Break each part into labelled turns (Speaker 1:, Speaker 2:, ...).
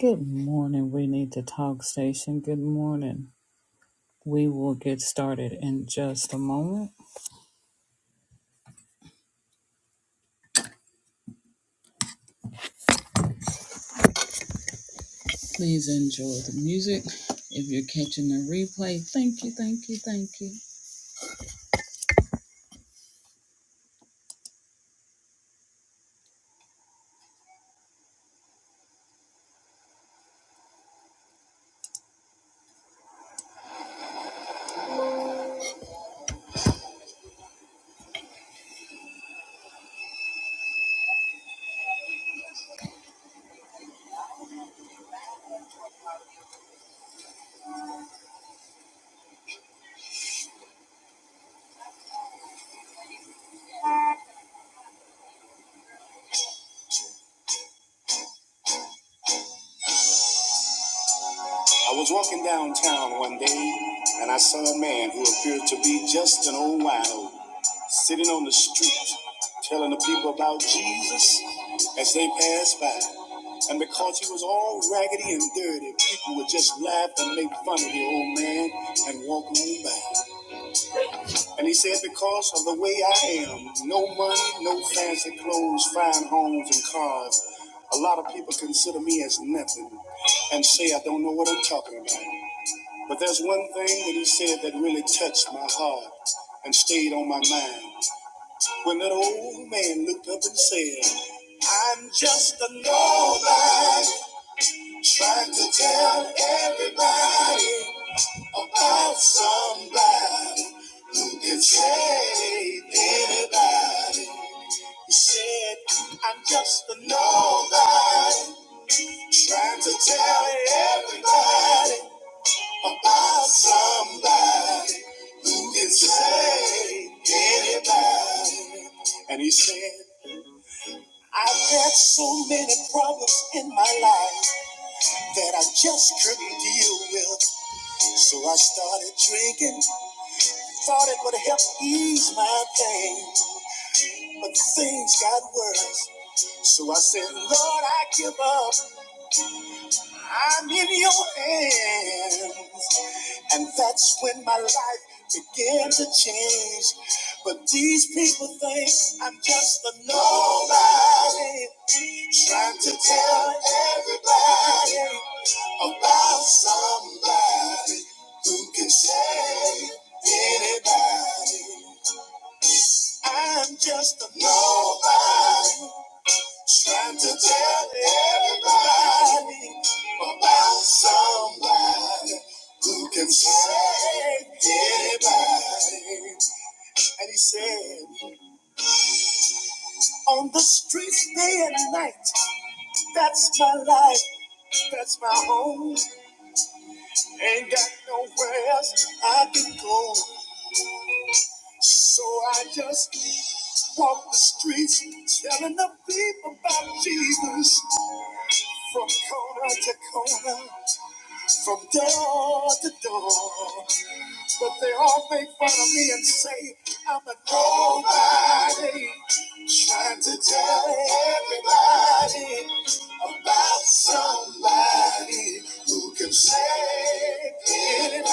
Speaker 1: Good morning. We need to talk station. Good morning. We will get started in just a moment. Please enjoy the music. If you're catching the replay, thank you, thank you, thank you. I was walking downtown one day and I saw a man who appeared to be just an old wild sitting on the street telling the people about Jesus as they passed by. And because he was all raggedy and dirty, people would just laugh and make fun of the old man and walk on by. And he said, Because of the way I am, no money, no fancy clothes, fine homes, and cars, a lot of people consider me as nothing and say I don't know what I'm talking about. But there's one thing that he said that really touched my heart and stayed on my mind. When that old man looked up and said, I'm just a nobody trying to tell everybody about somebody who can save anybody. He said, I'm just a nobody trying to tell everybody about somebody who can save anybody. And he said, I've had so many problems in my life that I just couldn't deal with. So I started drinking Thought it would help ease my pain, but things got worse. So I said, Lord, I give up. I'm in your hands. And that's when my life began to change. But these people think I'm just a nobody trying to tell everybody about somebody who can save anybody. I'm just a nobody trying to tell everybody about somebody who can save anybody. And he said, On the streets day and night, that's my life, that's my home. Ain't got nowhere else I can go. So I just walk the streets telling the people about Jesus. From corner to corner, from door to door. But they all make fun of me and say I'm a nobody. Trying to tell everybody about somebody who can save anybody.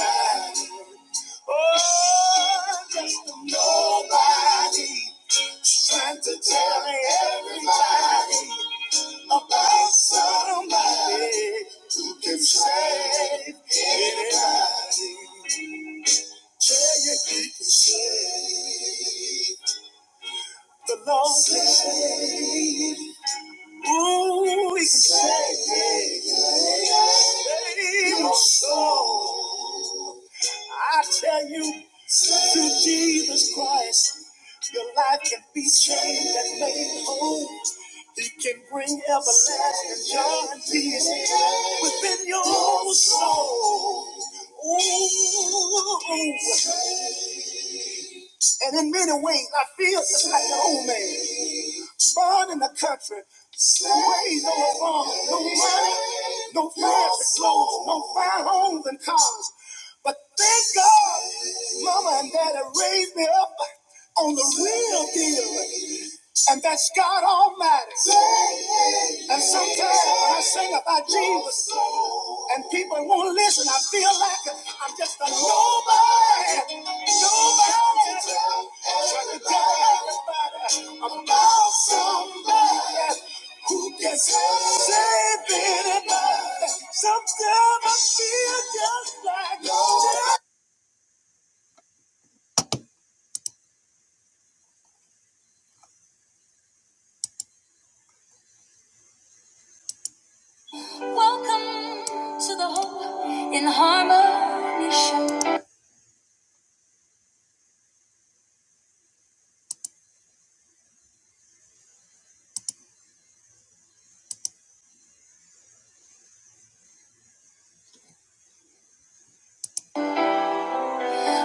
Speaker 1: Oh, just a nobody. Trying to tell everybody about somebody who can save anybody. Tell you he can save. The Lord can save. Ooh, he can save. Save my soul. I tell you, through Jesus Christ, your life can be changed and made whole. He can bring everlasting joy and peace within your own soul. Ooh. And in many ways, I feel just like the old man. Born in the country, raised on a farm, no money, no fancy clothes, no fine homes and cars. But thank God, Mama and Daddy raised me up on the real deal, and that's God Almighty. And sometimes when I sing about Jesus and people won't listen, I feel like I'm just a nobody. Nobody trying to tell everybody about somebody who can save anybody. Sometimes I feel just like nobody. Welcome to the Hope in Harmony Show,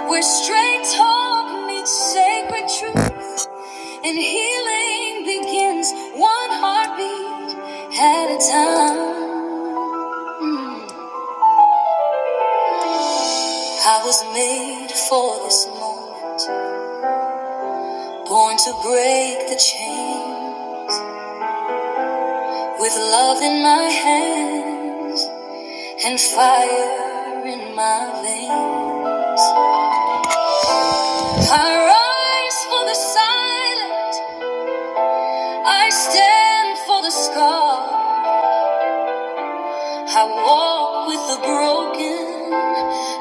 Speaker 1: where straight talk meets sacred truth. And healing begins one heartbeat at a time. I was made for this moment, born to break the chain with love in my hands and fire in my veins. I rise for the silent, I stand for the scar. I walk with the broken.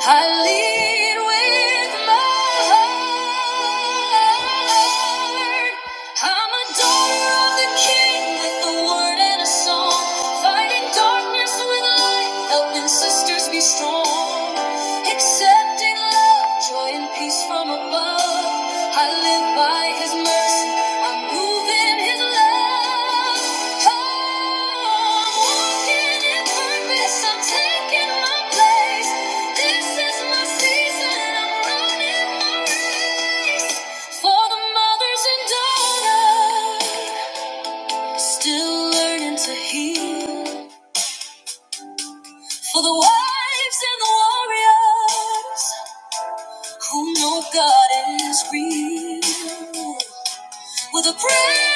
Speaker 1: I lead with my heart. I'm a daughter of the King with a word and a song. Fighting darkness with light, helping sisters be strong. Accepting love, joy. and Peace from above. I live by his mercy. I'm moving in his love. Oh, I'm walking in purpose. I'm taking my place. This is my season. I'm running my race. For the mothers and daughters still learning to heal. For the wives and the warriors who know God is real. With a prayer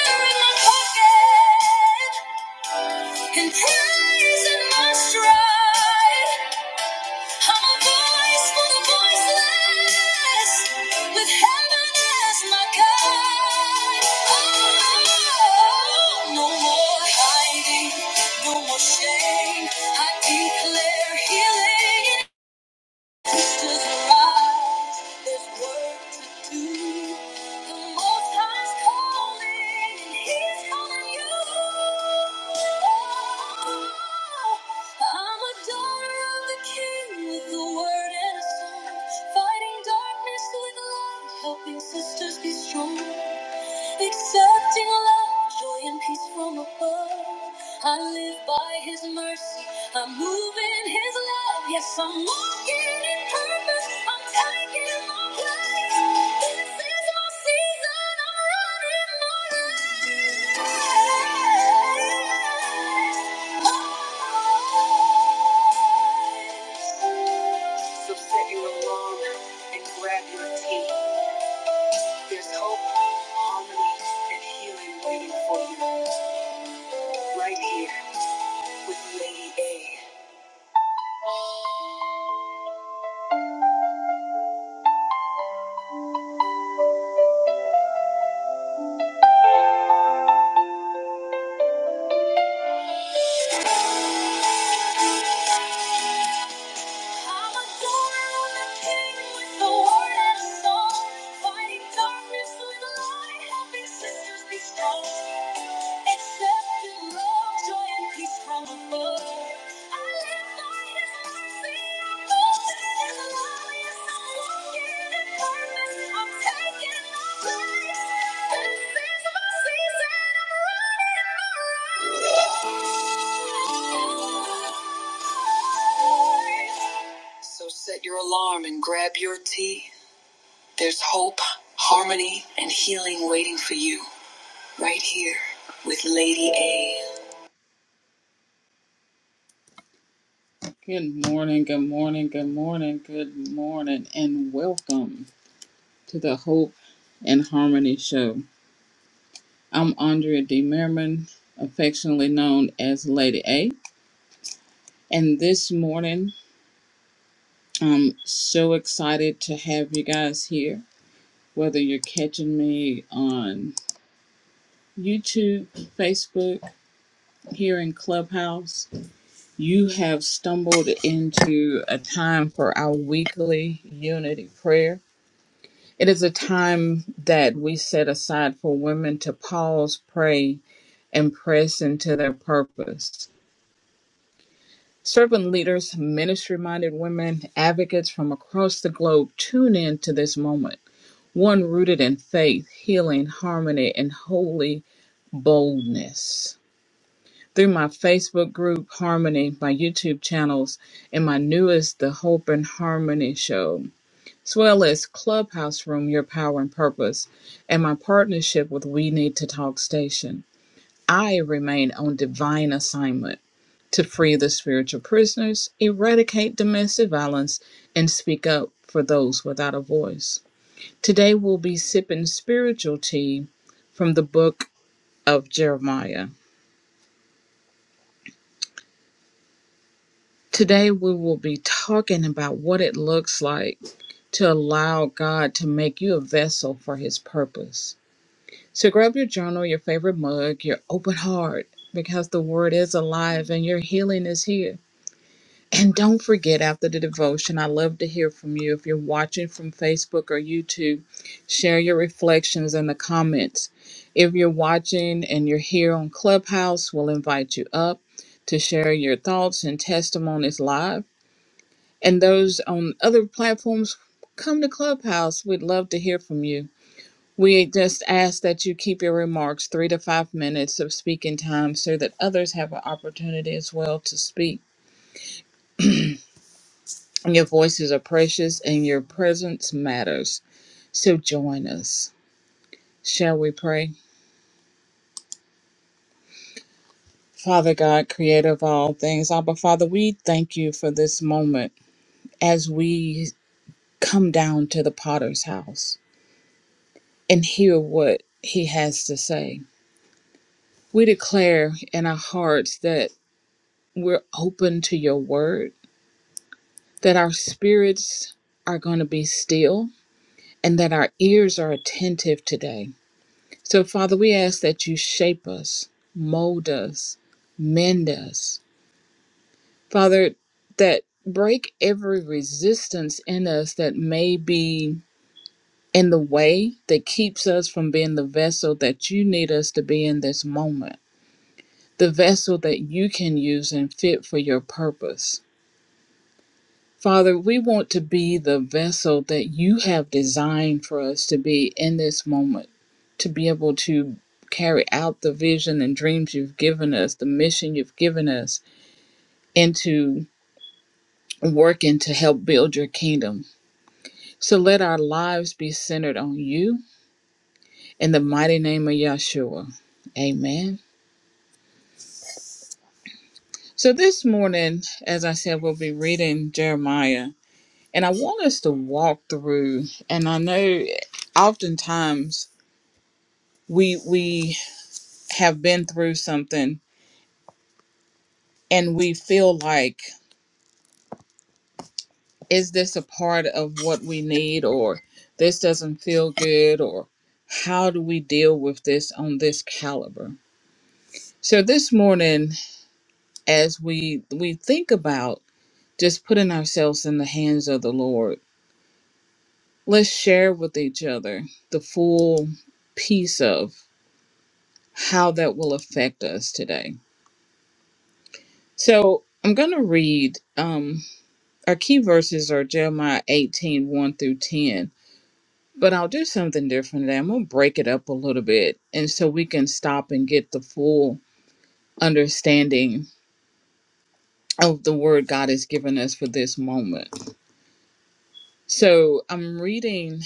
Speaker 1: in my pocket and praise in my stride, I'm a voice for the voiceless with heaven as my guide. Oh, no more hiding, no more shame. I declare healing. Sisters arise, there's work to The Most High's calling, and He's calling you. Oh, I'm a daughter of the King with a word and a song, fighting darkness with light, helping sisters be strong, accepting love. Joy and peace from above. I live by His mercy. I'm moving His love. Yes, I'm walking in purpose. I'm taking my place. This is my season. I'm running my race. And grab your team. There's hope, harmony, and healing waiting for you right here. with Lady A. I'm a on the king with the word and a song. Fighting darkness with light, helping sisters be strong. Accepting love, joy, and peace from above. I live by his mercy, I'm moving in his Yes, I'm walking in purpose, I'm taking my place. This is my season, I'm running the race. So set your alarm and grab your tea. There's hope, harmony, and healing waiting for you right here with Lady A. Good morning, good morning, good morning, good morning, and welcome to the Hope and Harmony Show. I'm Andrea D. Merriman, affectionately known as Lady A. And this morning, I'm so excited to have you guys here. Whether you're catching me on YouTube, Facebook, here in Clubhouse. You have stumbled into a time for our weekly unity prayer. It is a time that we set aside for women to pause, pray, and press into their purpose. Servant leaders, ministry minded women, advocates from across the globe tune in to this moment, one rooted in faith, healing, harmony, and holy boldness. through my Facebook group Harmony, my YouTube channels, and my newest The Hope and Harmony Show, as well as Clubhouse Room Your Power and Purpose, and my partnership with We Need to Talk Station. I remain on divine assignment to free the spiritual prisoners, eradicate domestic violence, and speak up for those without a voice. Today we'll be sipping spiritual tea from the book of Jeremiah. Today, we will be talking about what it looks like to allow God to make you a vessel for His purpose. So, grab your journal, your favorite mug, your open heart, because the Word is alive and your healing is here. And don't forget, after the devotion, I love to hear from you. If you're watching from Facebook or YouTube, share your reflections in the comments. If you're watching and you're here on Clubhouse, we'll invite you up to share your thoughts and testimonies live and those on other platforms, come to Clubhouse. We'd love to hear from you. We just ask that you keep your remarks three to five minutes of speaking time so that others have an opportunity as well to speak. Your voices are precious and your presence matters. So join us. Shall we pray? Father God, creator of all things, Abba Father, we thank you for this moment as we come down to the potter's house and hear what he has to say. We declare in our hearts that we're open to your word, that our spirits are going to be still, and that our ears are attentive today. So, Father, we ask that you shape us, mold us, mend us. Father, that break every resistance in us that may be in the way that keeps us from being the vessel that you need us to be in this moment, the vessel that you can use and fit for your purpose. Father, we want to be the vessel that you have designed for us to be in this moment, to be able to carry out the vision and dreams you've given us, the mission you've given us, and to work and to help build your kingdom. So let our lives be centered on you in the mighty name of Yahshua. Amen. So this morning, as I said, we'll be reading Jeremiah. And I want us to walk through, and I know oftentimes we we have been through something and we feel like is this a part of what we need or this doesn't feel good or how do we deal with this on this caliber so this morning as we we think about just putting ourselves in the hands of the lord let's share with each other the full piece of how that will affect us today so i'm going to read um. our key verses are Jeremiah eighteen one through 10. But I'll do something different today. I'm going to break it up a little bit. And so we can stop and get the full understanding of the word God has given us for this moment. So I'm reading,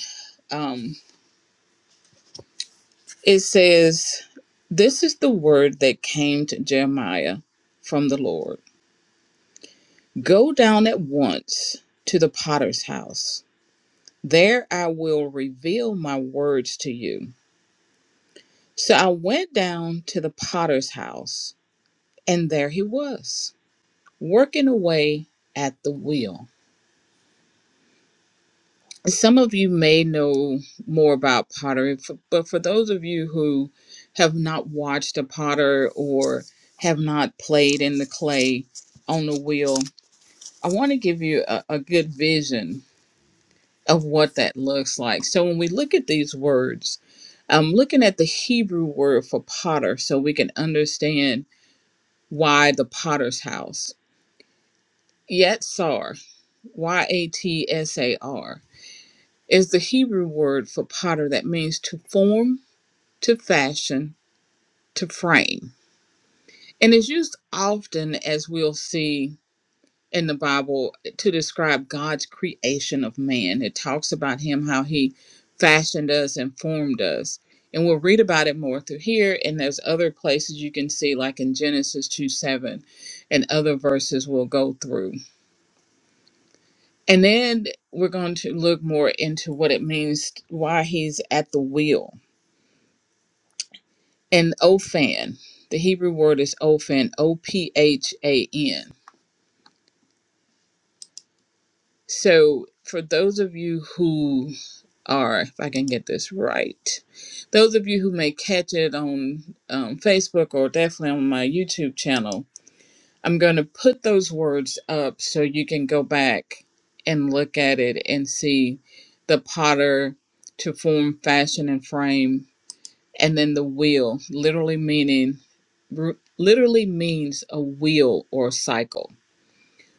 Speaker 1: um, it says, This is the word that came to Jeremiah from the Lord Go down at once to the potter's house. There I will reveal my words to you. So I went down to the potter's house, and there he was, working away at the wheel. Some of you may know more about pottery, f- but for those of you who have not watched a potter or have not played in the clay on the wheel, I want to give you a, a good vision of what that looks like. So when we look at these words, I'm looking at the Hebrew word for potter so we can understand why the potter's house. Yatsar, Y A T S A R, is the Hebrew word for potter that means to form, to fashion, to frame, and is used often, as we'll see in the Bible, to describe God's creation of man. It talks about him, how he fashioned us and formed us. And we'll read about it more through here, and there's other places you can see, like in Genesis 2 7, and other verses we'll go through. And then we're going to look more into what it means why he's at the wheel. And Ophan, the Hebrew word is Ophan, O P H A N. So for those of you who are, if I can get this right, those of you who may catch it on um, Facebook or definitely on my YouTube channel, I'm going to put those words up so you can go back and look at it and see the potter to form, fashion, and frame and then the wheel literally meaning literally means a wheel or a cycle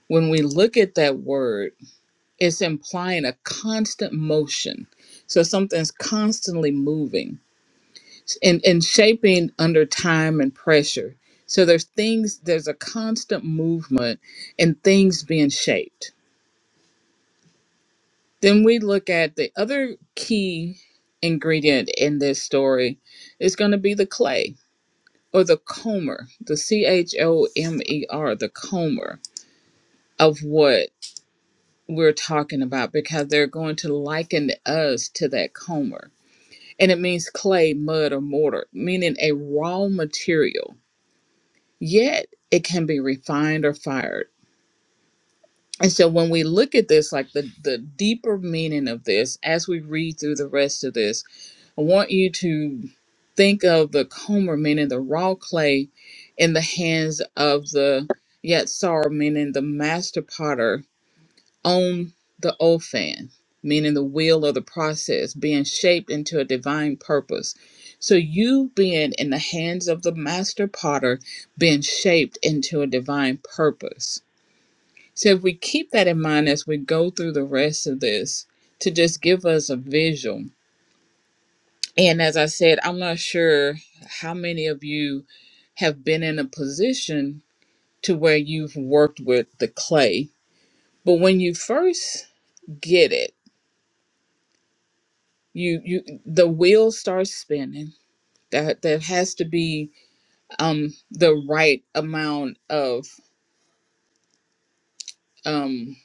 Speaker 1: when we look at that word it's implying a constant motion so something's constantly moving and, and shaping under time and pressure so there's things there's a constant movement and things being shaped then we look at the other key ingredient in this story is going to be the clay or the comber, the C H O M E R, the comber of what we're talking about because they're going to liken us to that comber. And it means clay, mud, or mortar, meaning a raw material, yet it can be refined or fired. And so when we look at this, like the, the deeper meaning of this, as we read through the rest of this, I want you to think of the comber, meaning the raw clay, in the hands of the Yatsar, meaning the master potter, on the Ophan, meaning the wheel of the process, being shaped into a divine purpose. So you being in the hands of the master potter, being shaped into a divine purpose. So if we keep that in mind as we go through the rest of this, to just give us a visual and as I said, I'm not sure how many of you have been in a position to where you've worked with the clay, but when you first get it, you you the wheel starts spinning. That that has to be um the right amount of um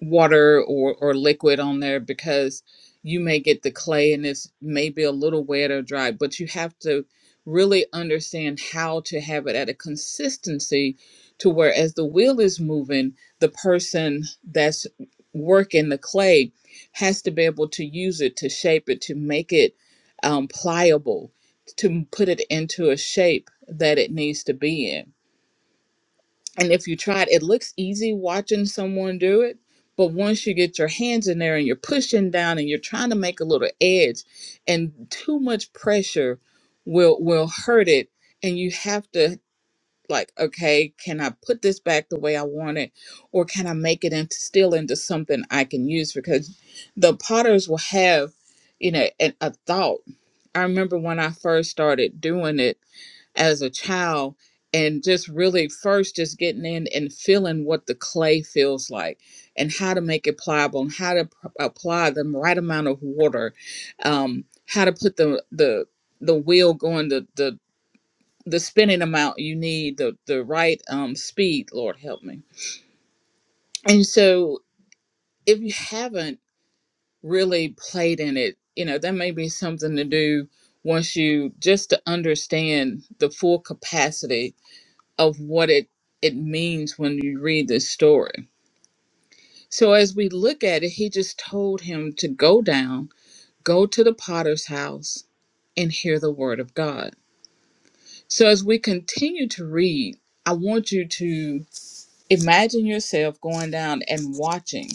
Speaker 1: water or, or liquid on there because you may get the clay and it's maybe a little wet or dry, but you have to really understand how to have it at a consistency to where as the wheel is moving, the person that's working the clay has to be able to use it to shape it, to make it um, pliable, to put it into a shape that it needs to be in and if you try it, it looks easy watching someone do it. But once you get your hands in there and you're pushing down and you're trying to make a little edge, and too much pressure will will hurt it. And you have to like, okay, can I put this back the way I want it, or can I make it into still into something I can use? Because the potters will have, you know, an, a thought. I remember when I first started doing it as a child and just really first just getting in and feeling what the clay feels like and how to make it pliable and how to p- apply the right amount of water um, how to put the the the wheel going the the the spinning amount you need the the right um, speed lord help me and so if you haven't really played in it you know that may be something to do once you just to understand the full capacity of what it it means when you read this story. So as we look at it, he just told him to go down, go to the potter's house and hear the word of God. So as we continue to read, I want you to imagine yourself going down and watching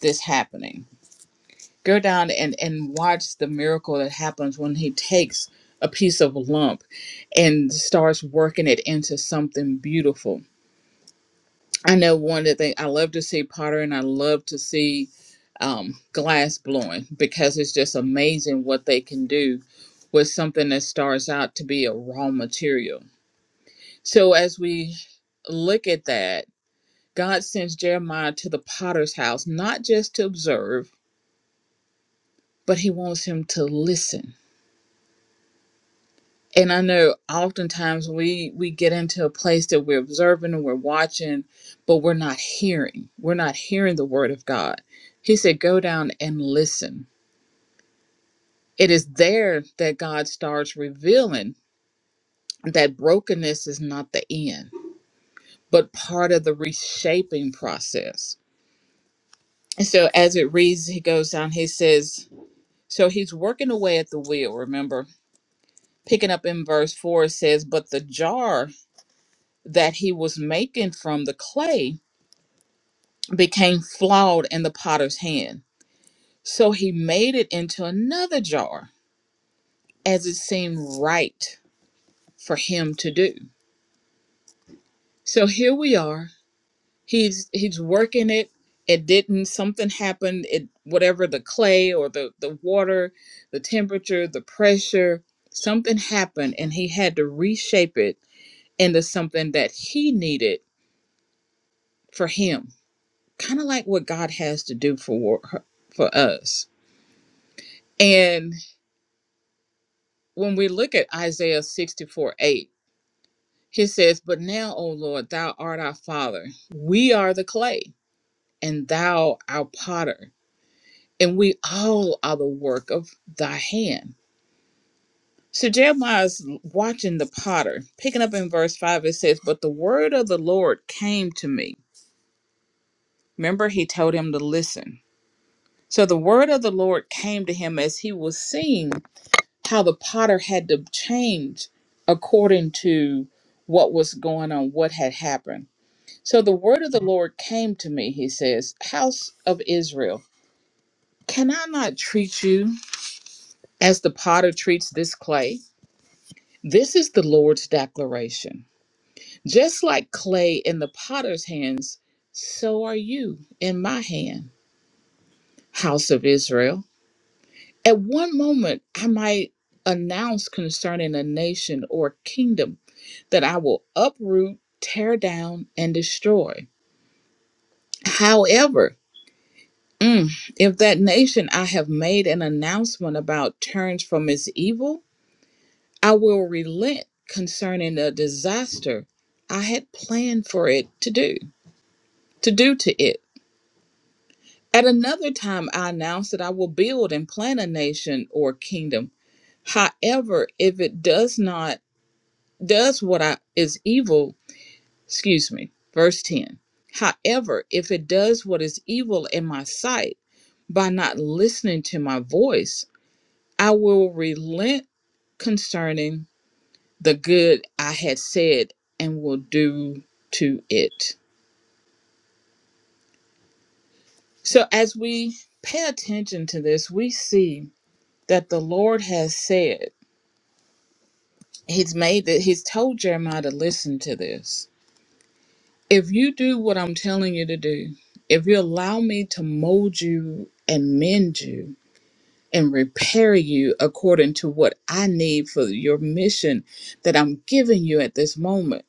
Speaker 1: this happening. Go down and and watch the miracle that happens when he takes a piece of lump and starts working it into something beautiful I know one of the things I love to see pottery and I love to see um, glass blowing because it's just amazing what they can do with something that starts out to be a raw material. So as we look at that, God sends Jeremiah to the potter's house, not just to observe, but he wants him to listen and I know oftentimes we we get into a place that we're observing and we're watching, but we're not hearing. We're not hearing the word of God. He said, "Go down and listen." It is there that God starts revealing that brokenness is not the end, but part of the reshaping process. And so, as it reads, he goes down. He says, "So he's working away at the wheel." Remember, picking up in verse four, it says, "But the jar that he was making from the clay." became flawed in the potter's hand. So he made it into another jar, as it seemed right for him to do. So here we are. He's he's working it. It didn't something happened. It whatever the clay or the, the water, the temperature, the pressure, something happened and he had to reshape it into something that he needed for him. Kind of like what God has to do for for us. And when we look at Isaiah 64 8, he says, But now, O Lord, thou art our Father. We are the clay, and thou our potter, and we all are the work of thy hand. So Jeremiah is watching the potter. Picking up in verse 5, it says, But the word of the Lord came to me. Remember, he told him to listen. So the word of the Lord came to him as he was seeing. how the potter had to change according to what was going on, what had happened. So the word of the Lord came to me, he says, House of Israel, can I not treat you as the potter treats this clay? This is the Lord's declaration. Just like clay in the potter's hands, so are you in my hand, House of Israel. At one moment, I might announce concerning a nation or kingdom that I will uproot, tear down, and destroy. However, mm, if that nation I have made an announcement about turns from its evil, I will relent concerning the disaster I had planned for it to do, to do to it. At another time, I announced that I will build and plant a nation or kingdom. However, if it does not does what I, is evil excuse me, verse 10. However, if it does what is evil in my sight by not listening to my voice, I will relent concerning the good I had said and will do to it. So, as we pay attention to this, we see that the Lord has said, He's made that, He's told Jeremiah to listen to this. If you do what I'm telling you to do, if you allow me to mold you and mend you, and repair you according to what I need for your mission that I'm giving you at this moment,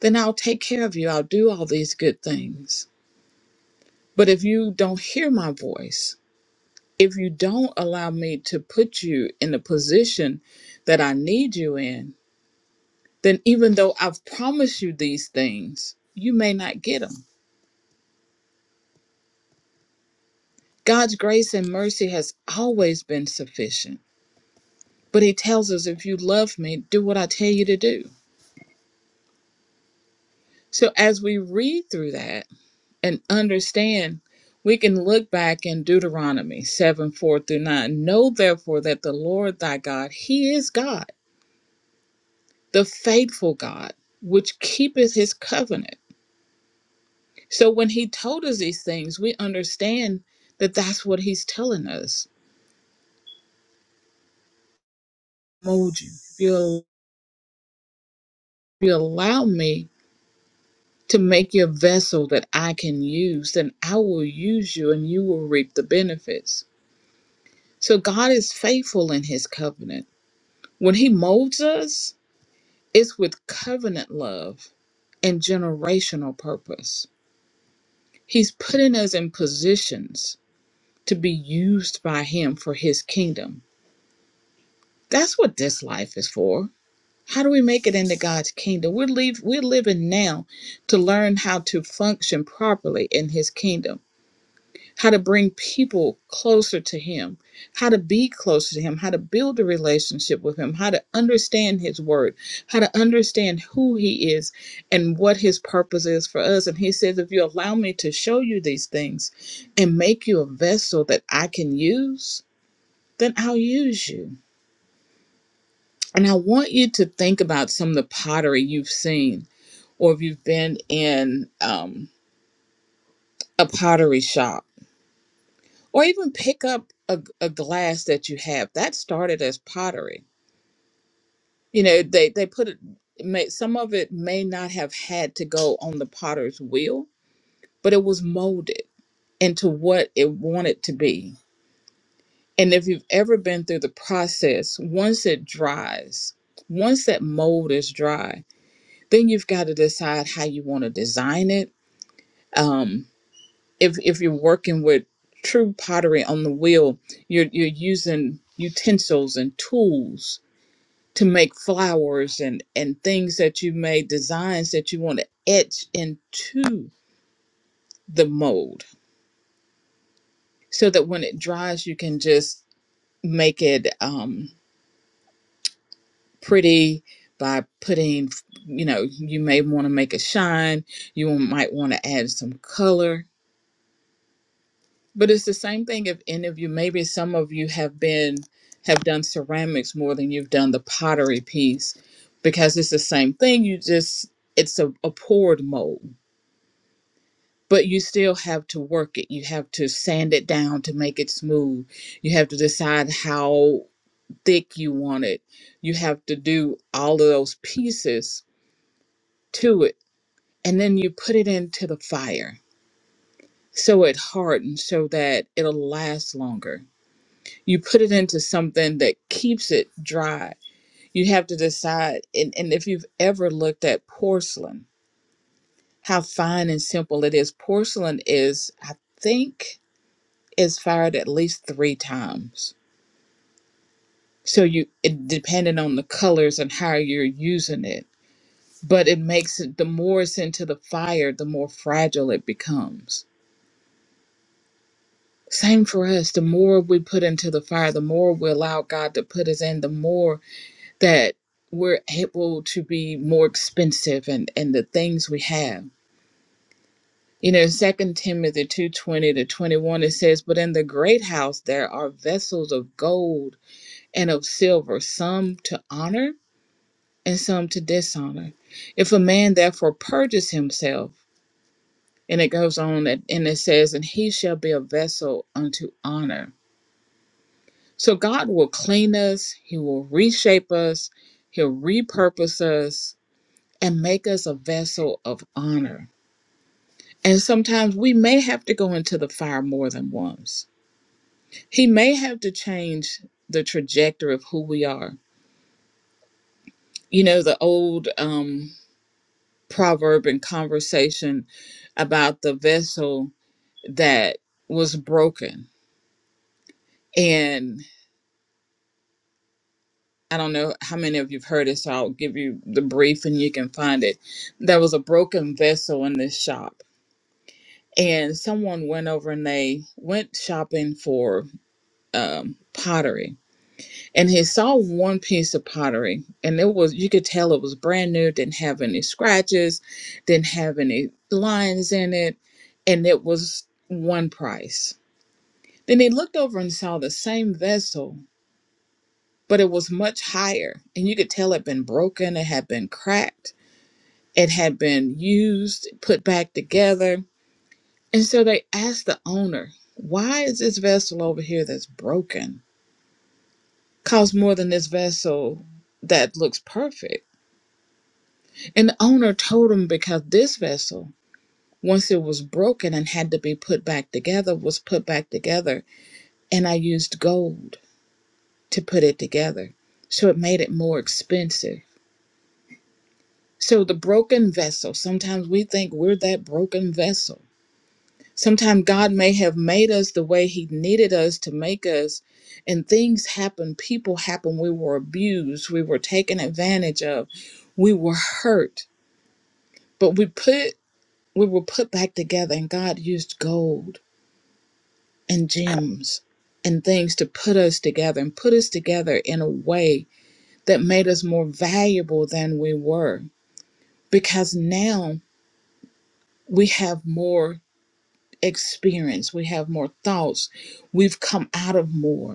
Speaker 1: then I'll take care of you. I'll do all these good things. But if you don't hear my voice, if you don't allow me to put you in the position that I need you in, then even though I've promised you these things, you may not get them. God's grace and mercy has always been sufficient. But he tells us, if you love me, do what I tell you to do. So as we read through that and understand, we can look back in Deuteronomy 7 4 through 9. Know therefore that the Lord thy God, he is God, the faithful God, which keepeth his covenant. So when he told us these things, we understand that that's what he's telling us. Mold you. If you, if you allow me to make you a vessel that I can use, then I will use you and you will reap the benefits. So God is faithful in his covenant. When he molds us, it's with covenant love and generational purpose. He's putting us in positions to be used by him for his kingdom. That's what this life is for. How do we make it into God's kingdom? We're, leave, we're living now to learn how to function properly in his kingdom how to bring people closer to him, how to be closer to him, how to build a relationship with him, how to understand his word, how to understand who he is and what his purpose is for us. And he says, If you allow me to show you these things and make you a vessel that I can use, then I'll use you. And I want you to think about some of the pottery you've seen, or if you've been in um, a pottery shop or even pick up a, a glass that you have that started as pottery you know they they put it may, some of it may not have had to go on the potter's wheel but it was molded into what it wanted to be and if you've ever been through the process once it dries once that mold is dry then you've got to decide how you want to design it Um, if if you're working with true pottery on the wheel, you're you're using utensils and tools to make flowers and and things that you made designs that you want to etch into the mold so that when it dries you can just make it um pretty by putting you know you may want to make it shine you might want to add some color But it's the same thing if any of you, maybe some of you have been, have done ceramics more than you've done the pottery piece because it's the same thing. You just, it's a, a poured mold, but you still have to work it. You have to sand it down to make it smooth. You have to decide how thick you want it. You have to do all of those pieces to it. And then you put it into the fire so it hardens so that it'll last longer you put it into something that keeps it dry. You have to decide, and, and if you've ever looked at porcelain, how fine and simple it is. Porcelain is, I think, is fired at least three times. So you, it, depending on the colors and how you're using it, but it makes it the more it's into the fire, the more fragile it becomes. Same for us. The more we put into the fire, the more we allow God to put us in, the more that we're able to be more expensive and and the things we have you know second timothy 2.20 to 21 it says but in the great house there are vessels of gold and of silver some to honor and some to dishonor if a man therefore purges himself and it goes on and and it says and he shall be a vessel unto honor so god will clean us he will reshape us he'll repurpose us and make us a vessel of honor. And sometimes we may have to go into the fire more than once. He may have to change the trajectory of who we are. You know, the old um, proverb and conversation about the vessel that was broken. And I don't know how many of you've heard it, so I'll give you the brief and you can find it. There was a broken vessel in this shop, and someone went over and they went shopping for um, pottery and he saw one piece of pottery and it was you could tell it was brand new didn't have any scratches didn't have any lines in it and it was one price then he looked over and saw the same vessel but it was much higher and you could tell it had been broken it had been cracked it had been used put back together and so they asked the owner why is this vessel over here that's broken Costs more than this vessel that looks perfect. And the owner told him because this vessel, once it was broken and had to be put back together, was put back together, and I used gold to put it together. So it made it more expensive. So the broken vessel, sometimes we think we're that broken vessel. Sometimes God may have made us the way He needed us to make us, and things happen, people happen. We were abused, we were taken advantage of, we were hurt But we put we were put back together and God used gold and gems and things to put us together and put us together in a way that made us more valuable than we were because now we have more experience, we have more thoughts, we've come out of more.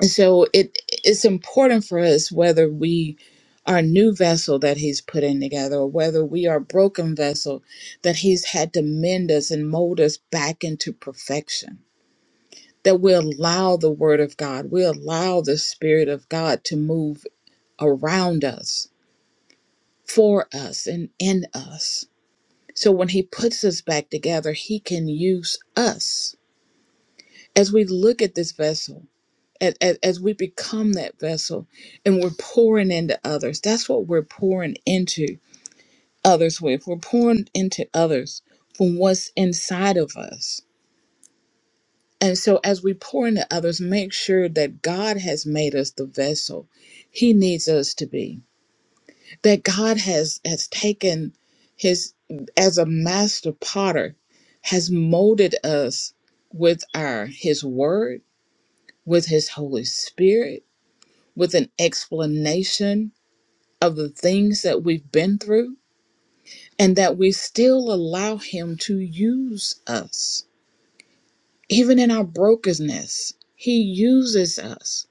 Speaker 1: And so it it's important for us whether we are a new vessel that he's putting together or whether we are a broken vessel that he's had to mend us and mold us back into perfection that we allow the word of god we allow the spirit of god to move around us for us and in us so when he puts us back together he can use us as we look at this vessel as, as we become that vessel and we're pouring into others that's what we're pouring into others with we're pouring into others from what's inside of us and so as we pour into others make sure that god has made us the vessel he needs us to be that god has has taken his as a master potter has molded us with our his word with his holy spirit with an explanation of the things that we've been through and that we still allow Him to use us. Even in our brokenness, He uses us.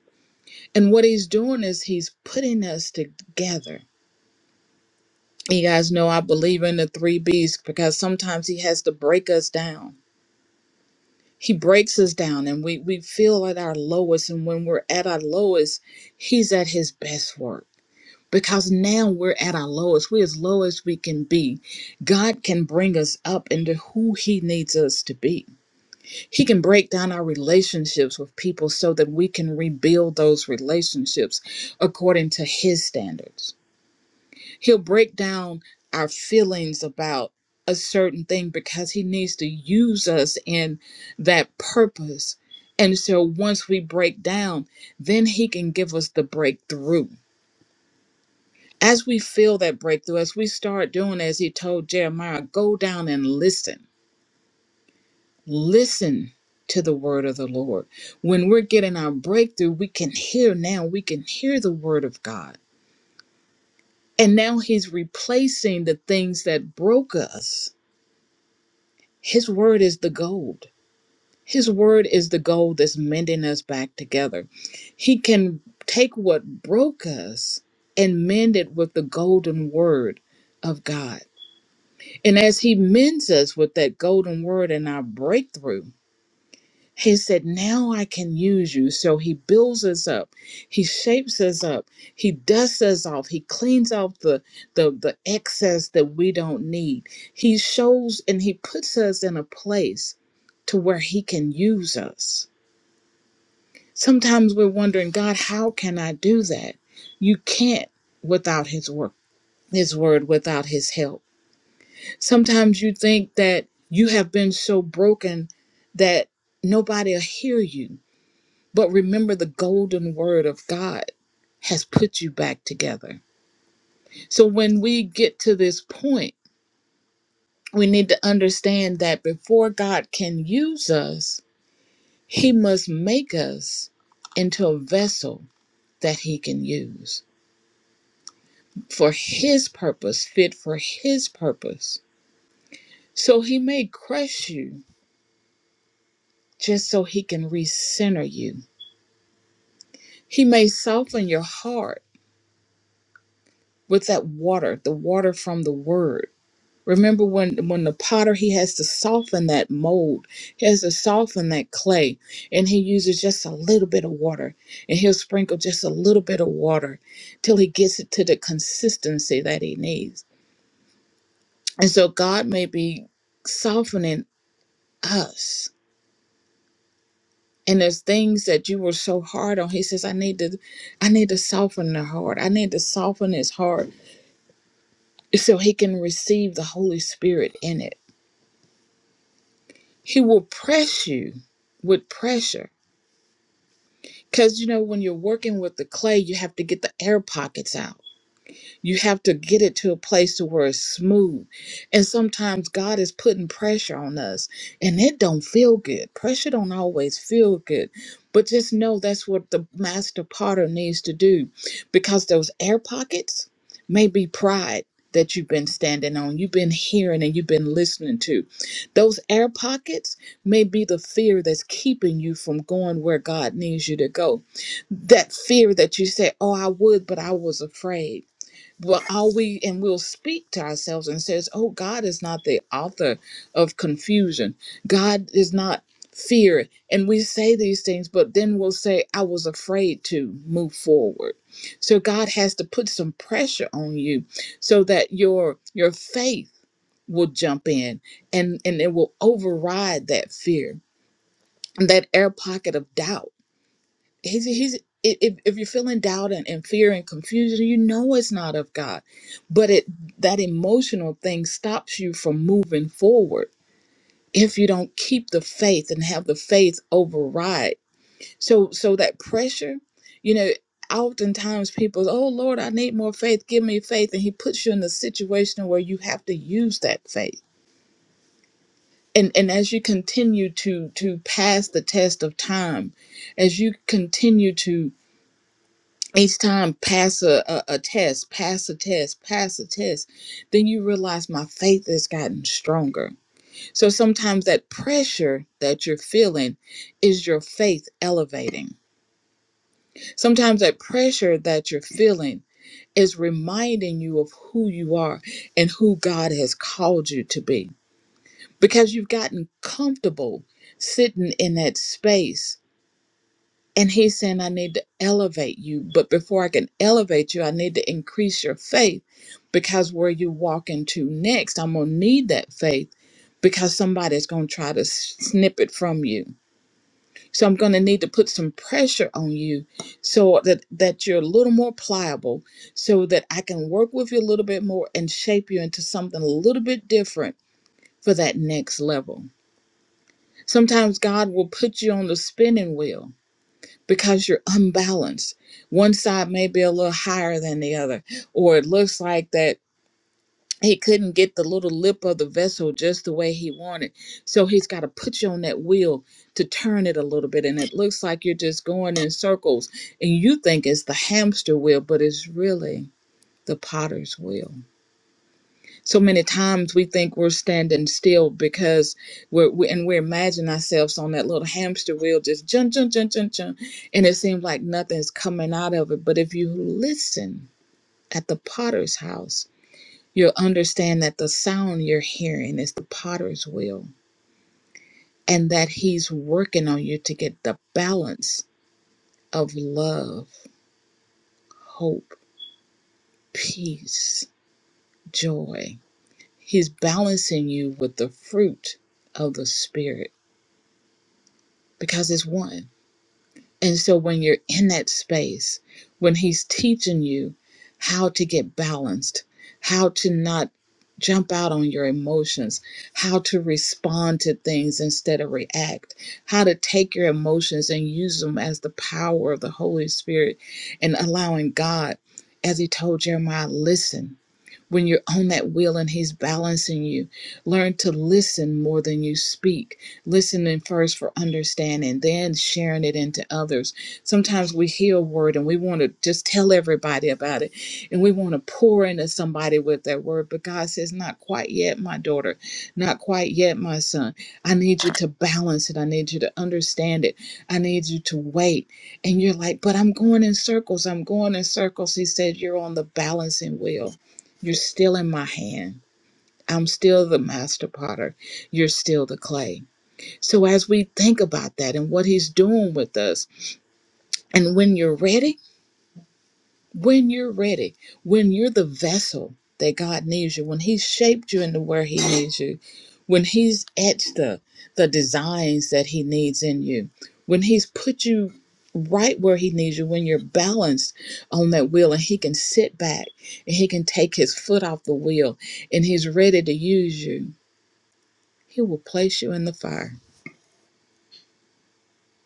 Speaker 1: And what He's doing is He's putting us together. You guys know I believe in the three B's because sometimes He has to break us down. He breaks us down and we, we feel at our lowest. And when we're at our lowest, He's at His best work because now we're at our lowest. We're as low as we can be. God can bring us up into who He needs us to be. He can break down our relationships with people so that we can rebuild those relationships according to His standards. He'll break down our feelings about a certain thing because He needs to use us in that purpose. And so once we break down, then He can give us the breakthrough as we feel that breakthrough, as we start doing as he told Jeremiah, go down and listen. Listen to the word of the Lord. When we're getting our breakthrough, we can hear now, we can hear the word of God. And now he's replacing the things that broke us. His word is the gold. His word is the gold that's mending us back together. He can take what broke us and mend it with the golden word of God. And as he mends us with that golden word and our breakthrough, he said, Now I can use you. So he builds us up, he shapes us up, he dusts us off, he cleans off the, the, the excess that we don't need. He shows and he puts us in a place to where he can use us. Sometimes we're wondering, God, how can I do that? You can't without his work, his word, without his help. Sometimes you think that you have been so broken that nobody will hear you. But remember, the golden word of God has put you back together. So when we get to this point, we need to understand that before God can use us, he must make us into a vessel that he can use for his purpose, fit for his purpose. So he may crush you just so he can recenter you He may soften your heart with that water, the water from the word. Remember when when the potter he has to soften that mold, he has to soften that clay, and he uses just a little bit of water, and he'll sprinkle just a little bit of water till he gets it to the consistency that he needs. And so God may be softening us. And there's things that you were so hard on. He says, I need to I need to soften the heart. I need to soften his heart so he can receive the Holy Spirit in it. He will press you with pressure. Because, you know, when you're working with the clay, you have to get the air pockets out. You have to get it to a place to where it's smooth. And sometimes God is putting pressure on us and it don't feel good. Pressure don't always feel good. But just know that's what the master potter needs to do because those air pockets may be pride that you've been standing on, you've been hearing and you've been listening to. Those air pockets may be the fear that's keeping you from going where God needs you to go. That fear that you say, "Oh, I would, but I was afraid." Well, all we and we'll speak to ourselves and says, "Oh, God is not the author of confusion. God is not fear." And we say these things, but then we'll say, "I was afraid to move forward." So God has to put some pressure on you so that your your faith will jump in and and it will override that fear, that air pocket of doubt He's, he's, if, if you're feeling doubt and, and fear and confusion, you know it's not of God. But it that emotional thing stops you from moving forward if you don't keep the faith and have the faith override. So so that pressure, you know, oftentimes people, oh Lord, I need more faith, give me faith. And he puts you in a situation where you have to use that faith. And and as you continue to to pass the test of time, as you continue to each time pass a, a, a test pass a test pass a test then you realize my faith has gotten stronger so sometimes that pressure that you're feeling is your faith elevating sometimes that pressure that you're feeling is reminding you of who you are and who god has called you to be because you've gotten comfortable sitting in that space And he's saying, I need to elevate you. But before I can elevate you, I need to increase your faith because where you walk into next, I'm going to need that faith because somebody's going to try to s- snip it from you. So I'm going to need to put some pressure on you so that, that you're a little more pliable, so that I can work with you a little bit more and shape you into something a little bit different for that next level. Sometimes God will put you on the spinning wheel because you're unbalanced. One side may be a little higher than the other, or it looks like that he couldn't get the little lip of the vessel just the way he wanted. So he's got to put you on that wheel to turn it a little bit. And it looks like you're just going in circles and you think it's the hamster wheel, but it's really the potter's wheel so many times we think we're standing still because we're we, and we imagine ourselves on that little hamster wheel just jump jump jump jump jump and it seems like nothing's coming out of it but if you listen at the potter's house you'll understand that the sound you're hearing is the potter's wheel and that he's working on you to get the balance of love hope peace joy he's balancing you with the fruit of the spirit because it's one And so when you're in that space, when he's teaching you how to get balanced, how to not jump out on your emotions, how to respond to things instead of react, how to take your emotions and use them as the power of the Holy Spirit and allowing God, as he told Jeremiah, listen when you're on that wheel and he's balancing you. Learn to listen more than you speak. Listening first for understanding, then sharing it into others. Sometimes we hear a word and we want to just tell everybody about it and we want to pour into somebody with that word, but God says, Not quite yet, my daughter. Not quite yet, my son. I need you to balance it. I need you to understand it. I need you to wait. And you're like, But I'm going in circles. I'm going in circles. He said, You're on the balancing wheel you're still in my hand. I'm still the master potter. You're still the clay. So, as we think about that and what he's doing with us, and when you're ready, when you're ready, when you're the vessel that God needs you, when He's shaped you into where He needs you, when He's etched the, the designs that He needs in you, when He's put you right where He needs you, when you're balanced on that wheel and He can sit back and He can take His foot off the wheel and He's ready to use you, He will place you in the fire.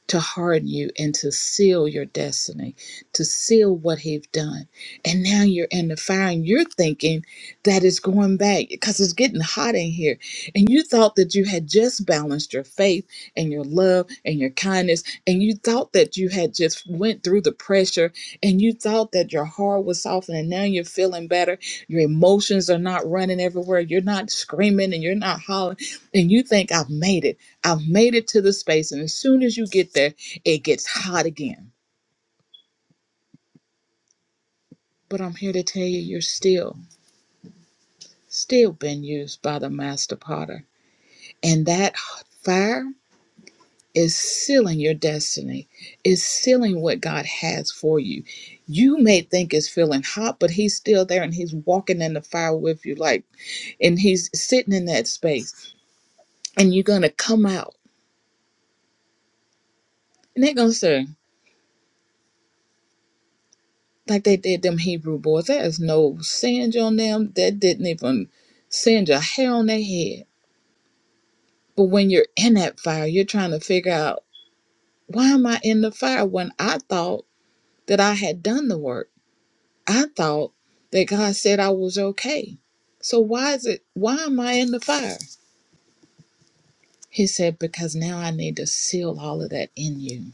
Speaker 1: to harden you and to seal your destiny, to seal what he's done. And now you're in the fire and you're thinking that it's going back because it's getting hot in here. And you thought that you had just balanced your faith and your love and your kindness. And you thought that you had just went through the pressure and you thought that your heart was softened and now you're feeling better. Your emotions are not running everywhere. You're not screaming and you're not hollering. And you think I've made it. I've made it to the space, and as soon as you get there, it gets hot again. But I'm here to tell you, you're still, still being used by the master potter. And that fire is sealing your destiny, is sealing what God has for you. You may think it's feeling hot, but He's still there and He's walking in the fire with you, like, and He's sitting in that space, and you're going to come out. And they're going to say, like they did them Hebrew boys. There is no singe on them. That didn't even singe a hair on their head. But when you're in that fire, you're trying to figure out why am I in the fire when I thought that I had done the work. I thought that God said I was okay. So why is it why am I in the fire? He said, Because now I need to seal all of that in you.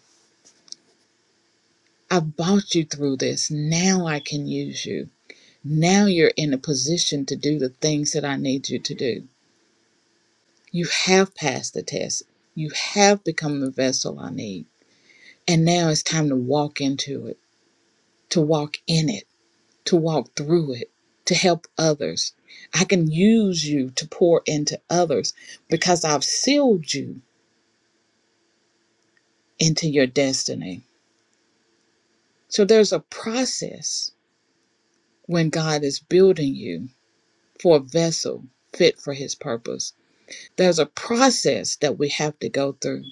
Speaker 1: I brought you through this. Now I can use you. Now you're in a position to do the things that I need you to do. You have passed the test. You have become the vessel I need. And now it's time to walk into it, to walk in it, to walk through it, to help others. I can use you to pour into others because I've sealed you into your destiny. So there's a process when God is building you for a vessel fit for his purpose. There's a process that we have to go through.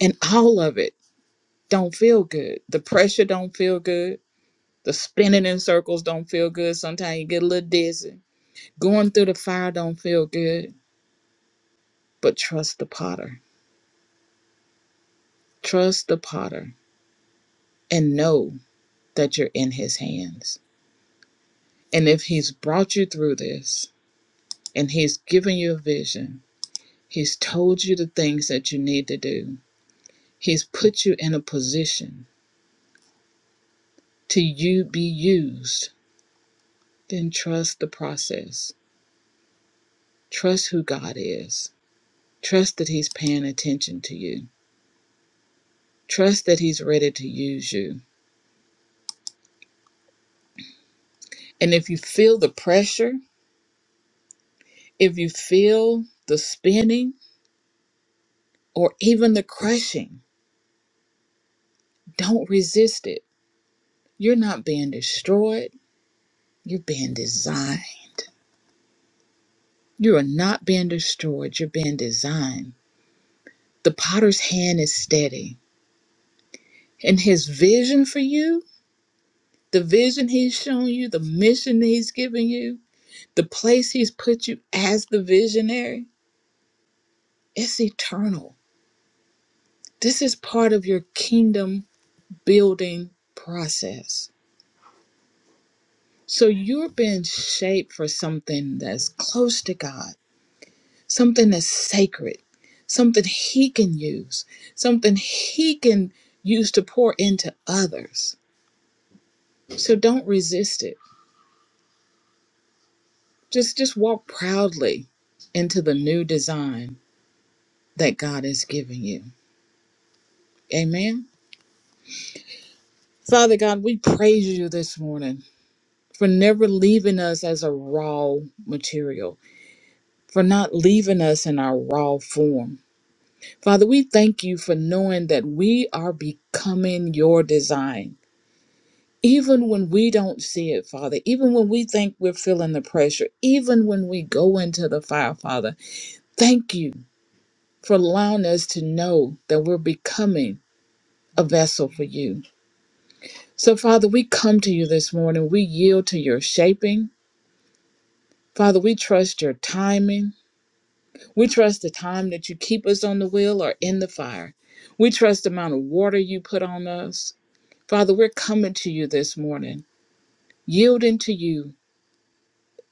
Speaker 1: And all of it don't feel good. The pressure don't feel good The spinning in circles don't feel good. Sometimes you get a little dizzy. Going through the fire don't feel good. But trust the potter. Trust the potter and know that you're in his hands. And if he's brought you through this and he's given you a vision, he's told you the things that you need to do, he's put you in a position to you be used, then trust the process. Trust who God is. Trust that he's paying attention to you Trust that He's ready to use you. And if you feel the pressure, if you feel the spinning, or even the crushing, don't resist it. You're not being destroyed, you're being designed. You are not being destroyed, you're being designed. The potter's hand is steady, and his vision for you, the vision he's shown you, the mission that he's given you, the place he's put you as the visionary, it's eternal. This is part of your kingdom building process. So you're being shaped for something that's close to God, something that's sacred, something He can use, something He can use to pour into others. So don't resist it. Just just walk proudly into the new design that God has given you. Amen. Father God, we praise you this morning for never leaving us as a raw material, for not leaving us in our raw form Father, we thank you for knowing that we are becoming your design. Even when we don't see it, Father, even when we think we're feeling the pressure, even when we go into the fire, Father, thank you for allowing us to know that we're becoming a vessel for you. So, Father, we come to you this morning. We yield to your shaping. Father, we trust your timing. We trust the time that you keep us on the wheel or in the fire. We trust the amount of water you put on us. Father, we're coming to you this morning, yielding to you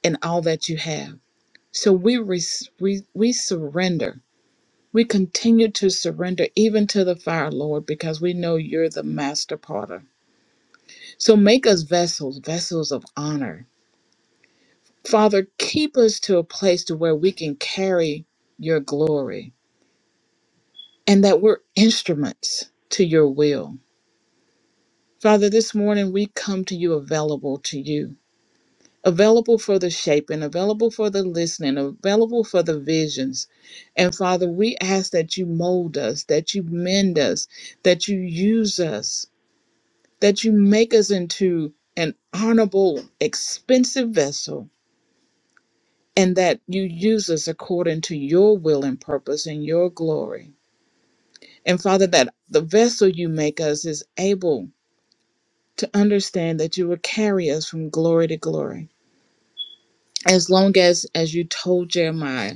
Speaker 1: and all that you have. So we, res- we we surrender. We continue to surrender even to the fire, Lord, because we know you're the master potter. So make us vessels, vessels of honor. Father, keep us to a place to where we can carry your glory and that we're instruments to your will. Father, this morning we come to you available to you available for the shaping, available for the listening, available for the visions. And Father, we ask that you mold us, that you mend us, that you use us, that you make us into an honorable, expensive vessel, and that you use us according to your will and purpose and your glory. And Father, that the vessel you make us is able to understand that you will carry us from glory to glory. As long as, as you told Jeremiah,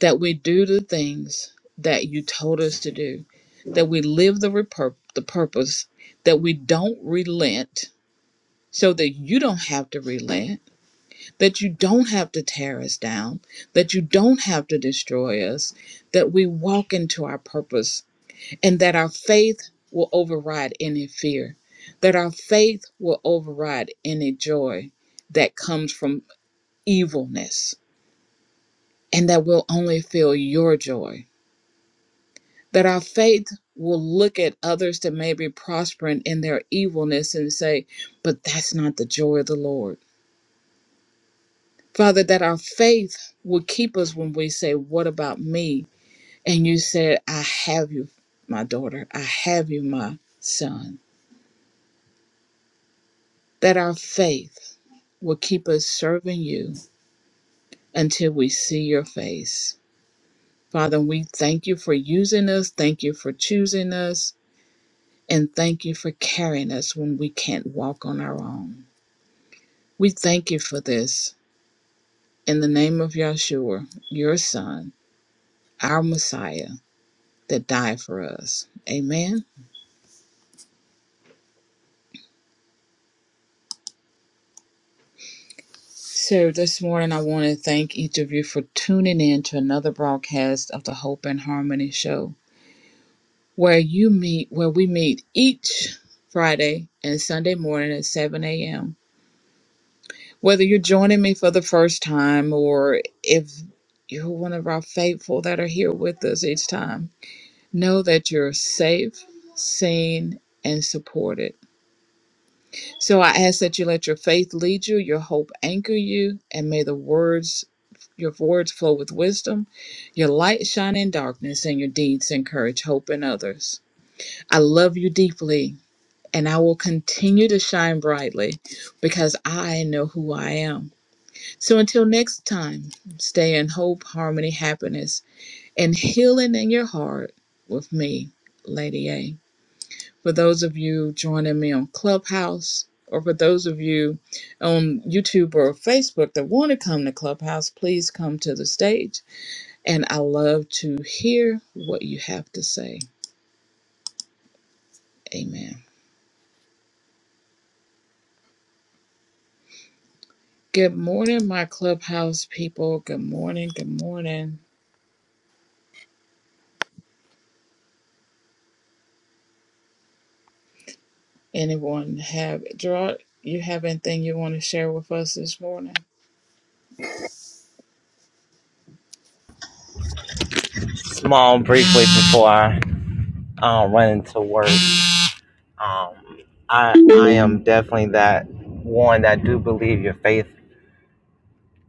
Speaker 1: that we do the things that you told us to do, that we live the, repur- the purpose, that we don't relent so that you don't have to relent, that you don't have to tear us down, that you don't have to destroy us, that we walk into our purpose and that our faith will override any fear, that our faith will override any joy that comes from evilness, and that we'll only feel your joy that our faith will look at others that may be prospering in their evilness and say, but that's not the joy of the Lord. Father, that our faith will keep us when we say, What about me? And you said, I have you, my daughter. I have you, my son. That our faith will keep us serving you until we see your face. Father, we thank you for using us. Thank you for choosing us. And thank you for carrying us when we can't walk on our own. We thank you for this in the name of Yahshua, your son, our Messiah that died for us. Amen. So this morning, I want to thank each of you for tuning in to another broadcast of the Hope and Harmony Show, where you meet, where we meet each Friday and Sunday morning at 7 a.m. Whether you're joining me for the first time or if you're one of our faithful that are here with us each time. Know that you're safe, seen, and supported. So I ask that you let your faith lead you, your hope anchor you, and may the words your words flow with wisdom, your light shine in darkness, and your deeds encourage hope in others. I love you deeply, and I will continue to shine brightly because I know who I am. So until next time, stay in hope, harmony, happiness, and healing in your heart with me, Lady A. for those of you joining me on Clubhouse, or for those of you on YouTube or Facebook that want to come to Clubhouse, please come to the stage. And I love to hear what you have to say. Amen. Good morning, my Clubhouse people. Good morning. Good morning. Anyone have, Gerard, you have anything you want to share with us this morning?
Speaker 2: small briefly before I uh, run into work. Um, I I am definitely that one that do believe your faith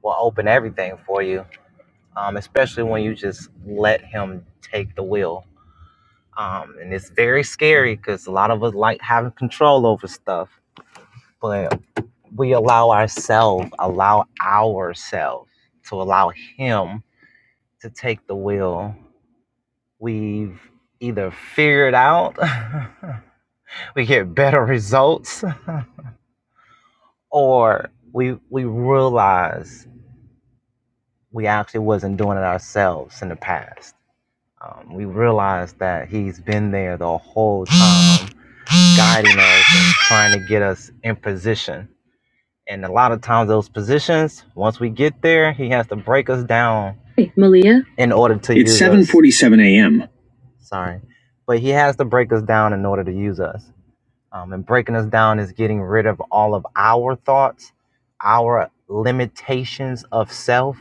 Speaker 2: will open everything for you, um, especially when you just let Him take the wheel. Um, and it's very scary because a lot of us like having control over stuff, but we allow ourselves, allow ourselves to allow Him to take the wheel. We've either figured out we get better results or we we realize we actually wasn't doing it ourselves in the past um, we realize that he's been there the whole time guiding us and trying to get us in position and a lot of times those positions once we get there he has to break us down Hey, Malia? in order to It's use us 7:47 a.m. sorry but he has to break us down in order to use us Um, and breaking us down is getting rid of all of our thoughts, our limitations of self,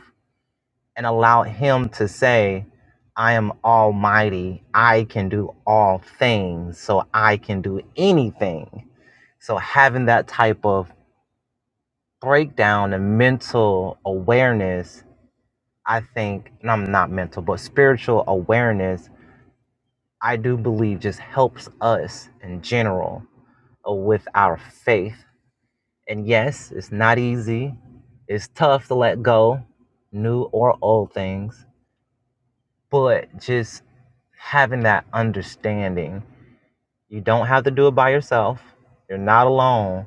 Speaker 2: and allow Him to say, I am almighty. I can do all things. So I can do anything. So having that type of breakdown and mental awareness, I think, and I'm not mental, but spiritual awareness, I do believe just helps us in general uh, with our faith And yes, it's not easy. It's tough to let go, new or old things, but just having that understanding. You don't have to do it by yourself. You're not alone.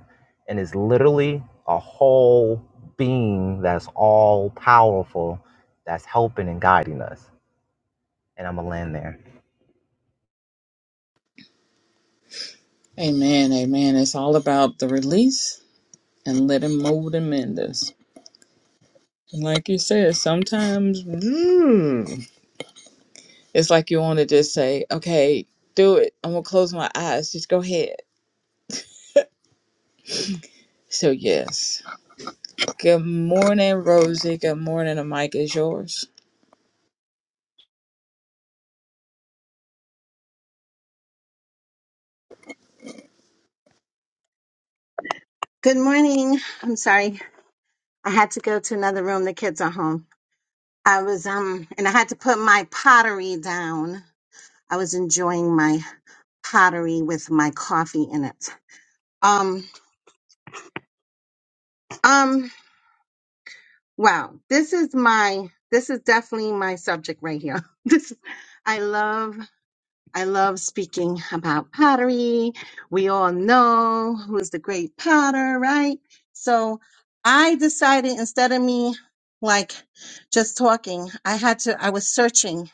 Speaker 2: And it's literally a whole being that's all powerful that's helping and guiding us. And I'm going to land there.
Speaker 1: Amen. Amen. It's all about the release and letting mold and mend us. And Like you said, sometimes mm, it's like you want to just say, okay, do it. I'm going to close my eyes. Just go ahead. So, yes. Good morning, Rosie. Good morning. The mic is yours.
Speaker 3: Good morning. I'm sorry. I had to go to another room. The kids are home. I was um and I had to put my pottery down. I was enjoying my pottery with my coffee in it. Um um wow. This is my this is definitely my subject right here. This I love I love speaking about pottery. We all know who's the great potter, right? So I decided instead of me like just talking, I had to, I was searching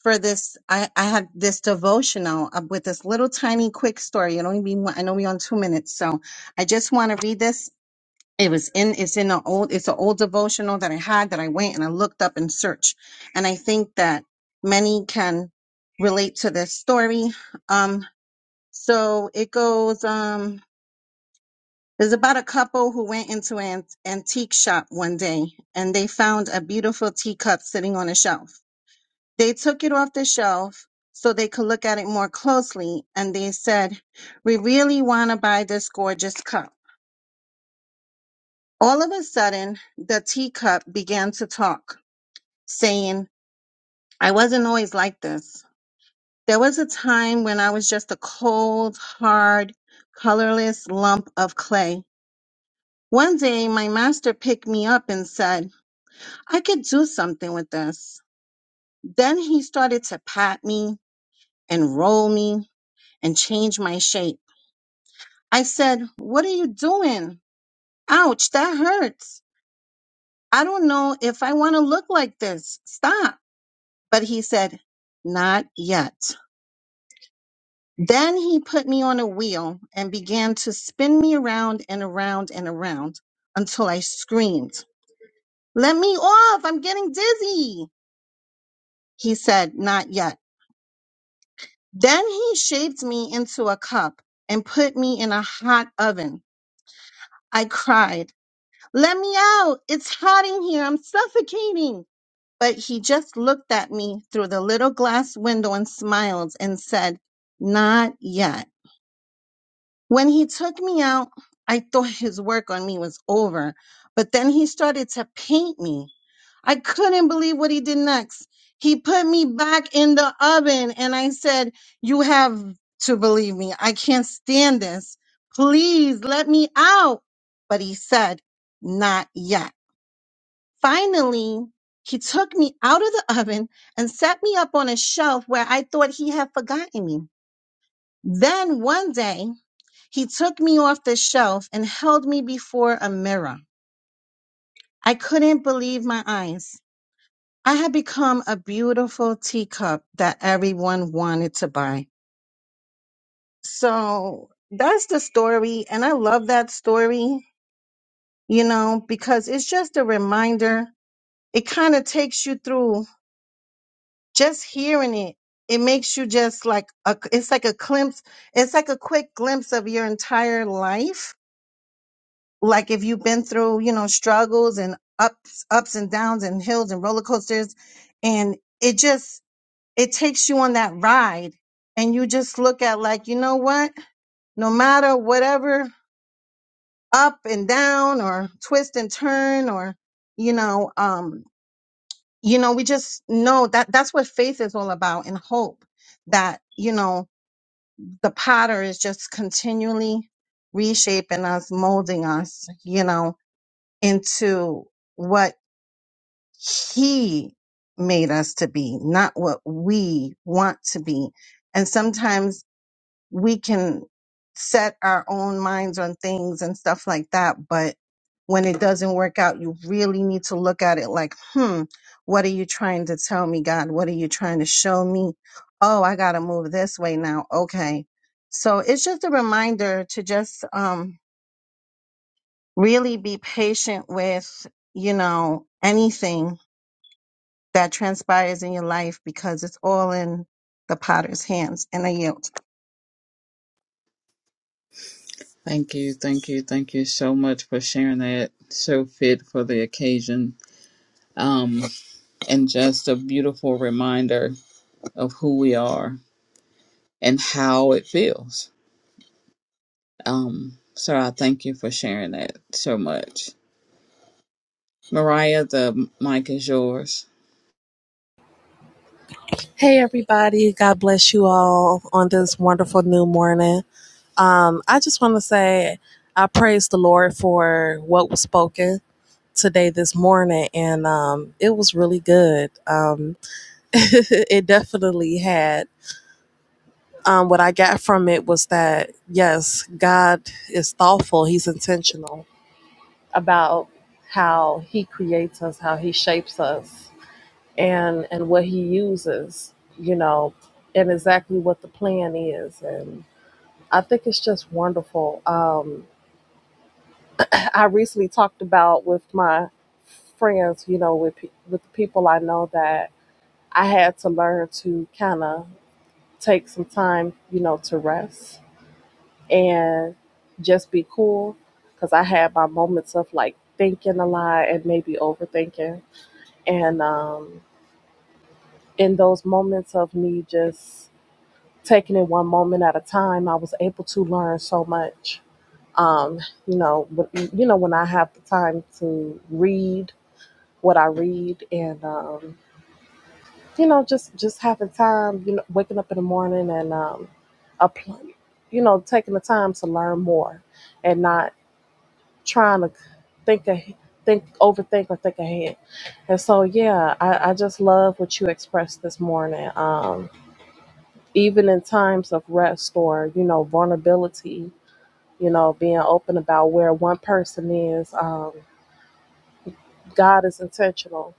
Speaker 3: for this. I, I had this devotional uh, with this little tiny quick story. It only be one, I know we on two minutes. So I just want to read this it was in it's in an old it's an old devotional that I had that I went and I looked up and searched. And I think that many can relate to this story. Um so it goes um there's about a couple who went into an antique shop one day and they found a beautiful teacup sitting on a shelf. They took it off the shelf so they could look at it more closely and they said, "We really want to buy this gorgeous cup." All of a sudden, the teacup began to talk. saying, I wasn't always like this. There was a time when I was just a cold, hard, colorless lump of clay. One day, my master picked me up and said, I could do something with this. Then he started to pat me and roll me and change my shape. I said, What are you doing? Ouch, that hurts. I don't know if I want to look like this. Stop. But he said, Not yet. Then he put me on a wheel and began to spin me around and around and around until I screamed, Let me off! I'm getting dizzy! He said, Not yet. Then he shaped me into a cup and put me in a hot oven. I cried, Let me out! It's hot in here! I'm suffocating! But he just looked at me through the little glass window and smiled and said, Not yet. When he took me out, I thought his work on me was over, but then he started to paint me. I couldn't believe what he did next. He put me back in the oven and I said, You have to believe me. I can't stand this. Please let me out. But he said, Not yet. Finally, he took me out of the oven and set me up on a shelf where I thought he had forgotten me. Then one day, he took me off the shelf and held me before a mirror. I couldn't believe my eyes. I had become a beautiful teacup that everyone wanted to buy. So that's the story. And I love that story, you know, because it's just a reminder. It kind of takes you through just hearing it. It makes you just like a, it's like a glimpse, it's like a quick glimpse of your entire life like if you've been through you know struggles and ups ups and downs and hills and roller coasters and it just it takes you on that ride and you just look at like you know what no matter whatever up and down or twist and turn or you know um you know we just know that that's what faith is all about and hope that you know the potter is just continually reshaping us molding us you know into what he made us to be, not what we want to be. And sometimes we can set our own minds on things and stuff like that. But when it doesn't work out, you really need to look at it like, hmm, what are you trying to tell me, God? What are you trying to show me? Oh, I got to move this way now. Okay. So it's just a reminder to just um, really be patient with, you know, anything that transpires in your life because it's all in the potter's hands and I yield.
Speaker 1: Thank you. Thank you. Thank you so much for sharing that. So fit for the occasion. Um, and just a beautiful reminder of who we are and how it feels. Um, so I thank you for sharing that so much. Mariah, the mic is yours.
Speaker 4: Hey, everybody. God bless you all on this wonderful new morning. Um, I just want to say I praise the Lord for what was spoken today, this morning, and um, it was really good. Um, it definitely had. Um, what I got from it was that, yes, God is thoughtful, He's intentional about how He creates us, how He shapes us and and what he uses you know and exactly what the plan is and i think it's just wonderful um i recently talked about with my friends you know with pe- with the people i know that i had to learn to kind of take some time you know to rest and just be cool because i had my moments of like thinking a lot and maybe overthinking and um in those moments of me just taking it one moment at a time, I was able to learn so much. Um, you know, but, you know when I have the time to read what I read, and um, you know, just just having time, you know, waking up in the morning and um, apply, you know, taking the time to learn more, and not trying to think of think overthink or think ahead. And so, yeah, I, I just love what you expressed this morning. Um, even in times of rest or you know vulnerability you know being open about where one person is um, god is intentional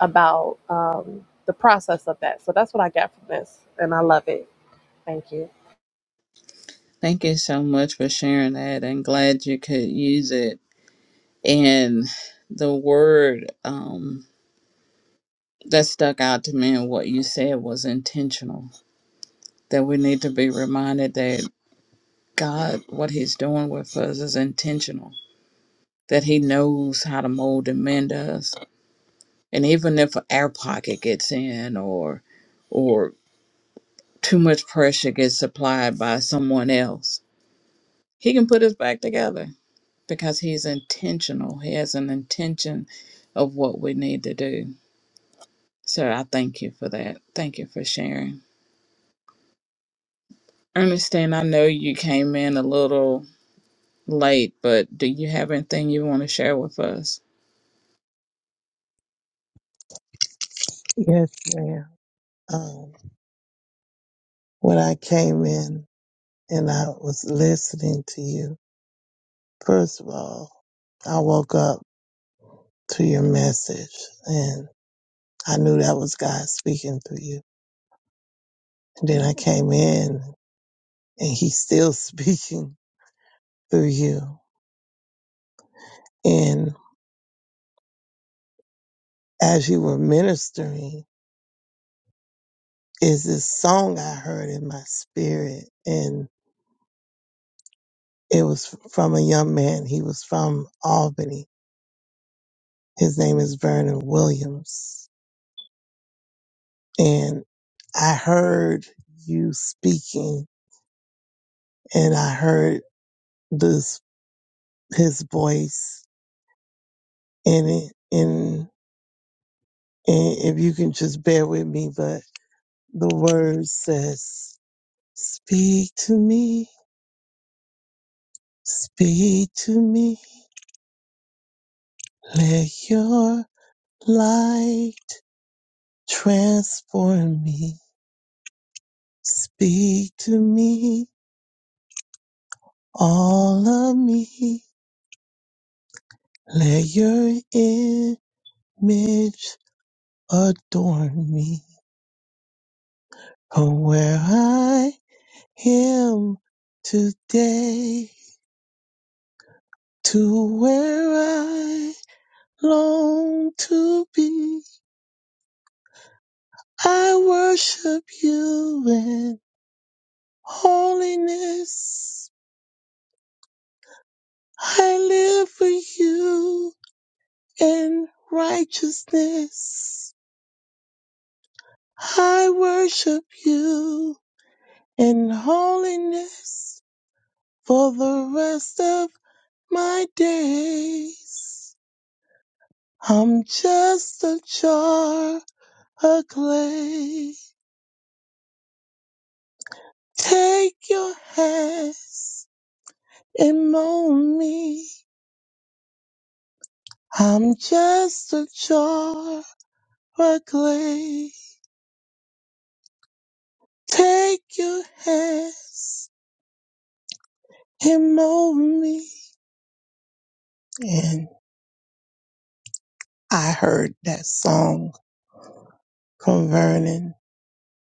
Speaker 4: about um, the process of that so that's what i got from this and i love it thank you
Speaker 1: Thank you so much for sharing that. I'm glad you could use it. And the word um, that stuck out to me and what you said was intentional. That we need to be reminded that God, what He's doing with us is intentional, that He knows how to mold and mend us. And even if an air pocket gets in or, or too much pressure gets supplied by someone else, He can put us back together because he's intentional. He has an intention of what we need to do. So I thank you for that. Thank you for sharing. Ernestine, I know you came in a little late, but do you have anything you want to share with us?
Speaker 5: Yes, ma'am. Um, when I came in and I was listening to you, first of all, I woke up to your message and I knew that was God speaking through you. And then I came in and He's still speaking through you. And as you were ministering, is this song I heard in my spirit and it was from a young man. He was from Albany. His name is Vernon Williams and I heard you speaking and I heard this his voice in it and and if you can just bear with me, but the word says Speak to me, speak to me, let your light transform me. Speak to me, all of me, let your image adorn me. Oh, where I am today, to where I long to be. I worship you in holiness. I live for you in righteousness. I worship you in holiness for the rest of my days. I'm just a jar of clay. Take your hands and mold me. I'm just a jar of clay. Take your hands and mold me. And I heard that song from Vernon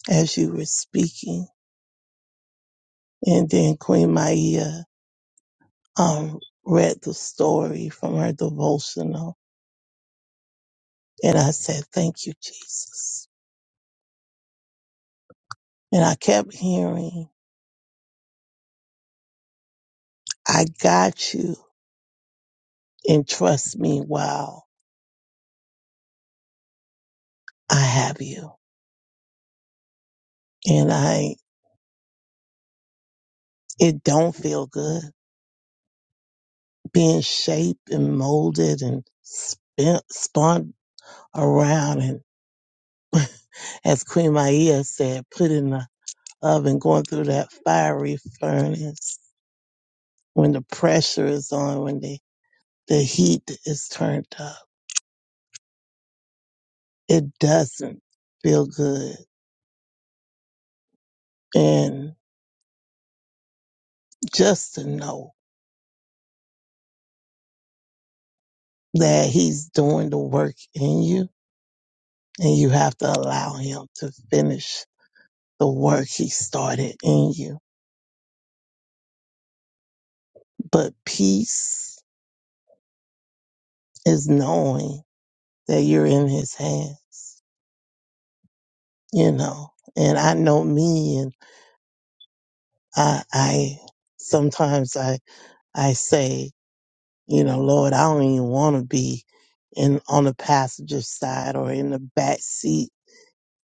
Speaker 5: as you were speaking. And then Queen Maia um, read the story from her devotional And I said, Thank you, Jesus. And I kept hearing, I got you and trust me while I have you. And I, it don't feel good being shaped and molded and spin, spun around. And as Queen Maia said, put in the oven, going through that fiery furnace when the pressure is on, when the, the heat is turned up. It doesn't feel good. And just to know that he's doing the work in you and you have to allow him to finish the work he started in you. But peace is knowing that you're in his hands, you know. And I know me and I I sometimes I I say, you know, Lord, I don't even want to be in on the passenger side or in the back seat.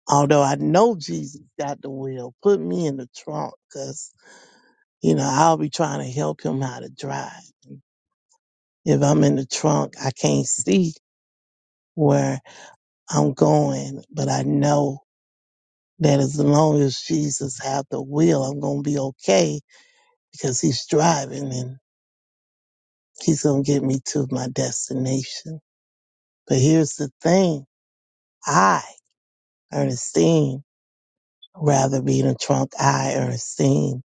Speaker 5: Although I know Jesus got the wheel, put me in the trunk, cause You know, I'll be trying to help him how to drive. If I'm in the trunk, I can't see where I'm going, but I know that as long as Jesus have the wheel, I'm going to be okay because he's driving and he's going to get me to my destination. But here's the thing. I, Ernestine, rather be in the trunk. I, Ernestine,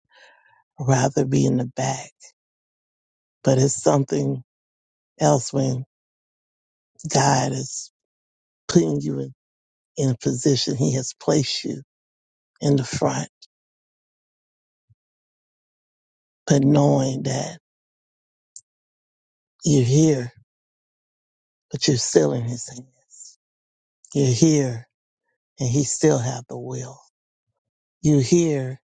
Speaker 5: rather be in the back. But it's something else when God is putting you in in a position he has placed you in the front, but knowing that you're here, but you're still in his hands. You're here and he still have the will. You're here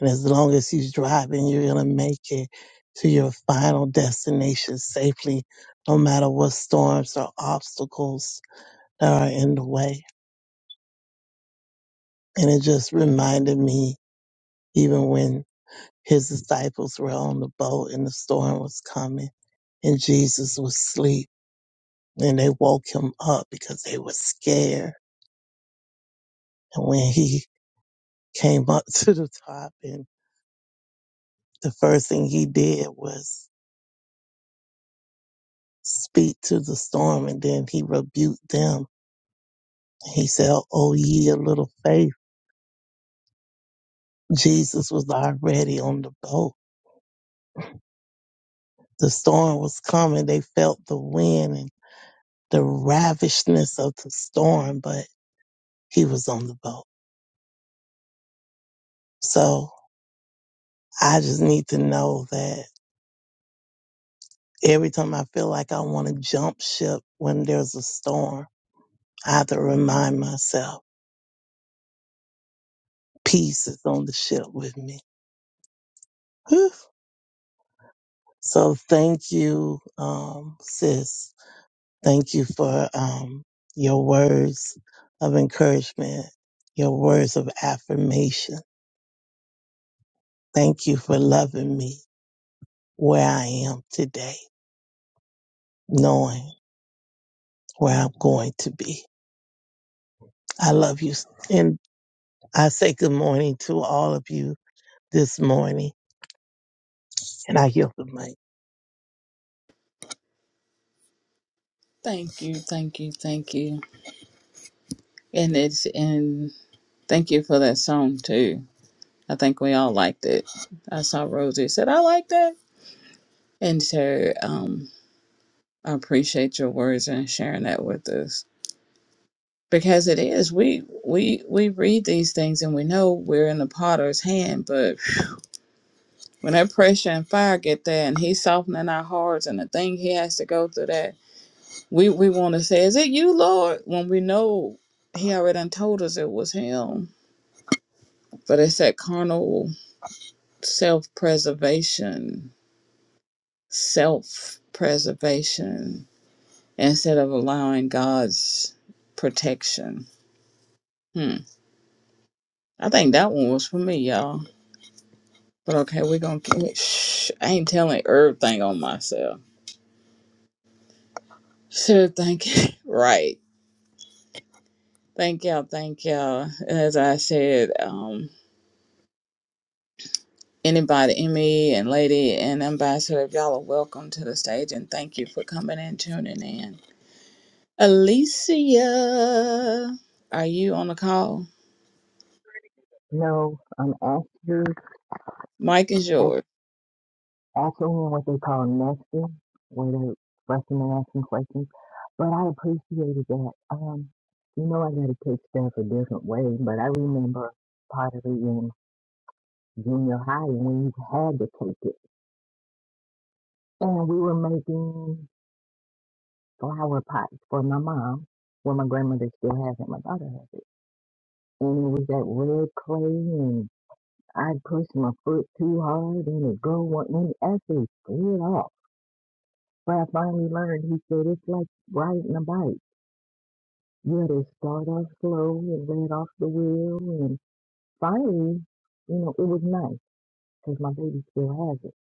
Speaker 5: and as long as he's driving, you're going to make it to your final destination safely, no matter what storms or obstacles that are in the way. And it just reminded me, even when his disciples were on the boat and the storm was coming and Jesus was asleep Then they woke him up because they were scared. And when he came up to the top and the first thing he did was speak to the storm and then he rebuked them. He said, Oh ye of little faith. Jesus was already on the boat. The storm was coming. They felt the wind and the ravishness of the storm, but he was on the boat. So I just need to know that Every time I feel like I want to jump ship when there's a storm, I have to remind myself, peace is on the ship with me. Whew. So thank you, um, sis. Thank you for um, your words of encouragement, your words of affirmation. Thank you for loving me where I am today, knowing where I'm going to be. I love you. And I say good morning to all of you this morning. And I yield the mic.
Speaker 1: Thank you, thank you, thank you. And it's and thank you for that song too. I think we all liked it. I saw Rosie said, I like that. And so um I appreciate your words and sharing that with us. because it is we we we read these things and we know we're in the potter's hand but when that pressure and fire get there and he's softening our hearts and the thing he has to go through that we we want to say is it you lord when we know he already done told us it was him but it's that carnal self-preservation self-preservation instead of allowing god's protection hmm. i think that one was for me y'all But okay, we're gonna keep it. Shh, I ain't telling everything on myself. So thank you. Right. Thank y'all. Thank y'all. As I said, um, anybody, Emmy and Lady and Ambassador, y'all are welcome to the stage and thank you for coming and tuning in. Alicia, are you on the call?
Speaker 6: No, um, Asperger's,
Speaker 1: Mike is
Speaker 6: as-
Speaker 1: yours.
Speaker 6: asking them what they call nesting, where they're fussing and asking questions. But I appreciated that. Um, you know, I got to take stuff a different way, but I remember pottery in junior high when you had to take it. And we were making flower pots for my mom. Well, my grandmother still has it, my daughter has it. And it was that red clay, and I'd push my foot too hard, and it'd go, one, and actually split off. But I finally learned, he said, it's like riding a bike. You had to start off slow and let off the wheel. And finally, you know, it was nice because my baby still has it.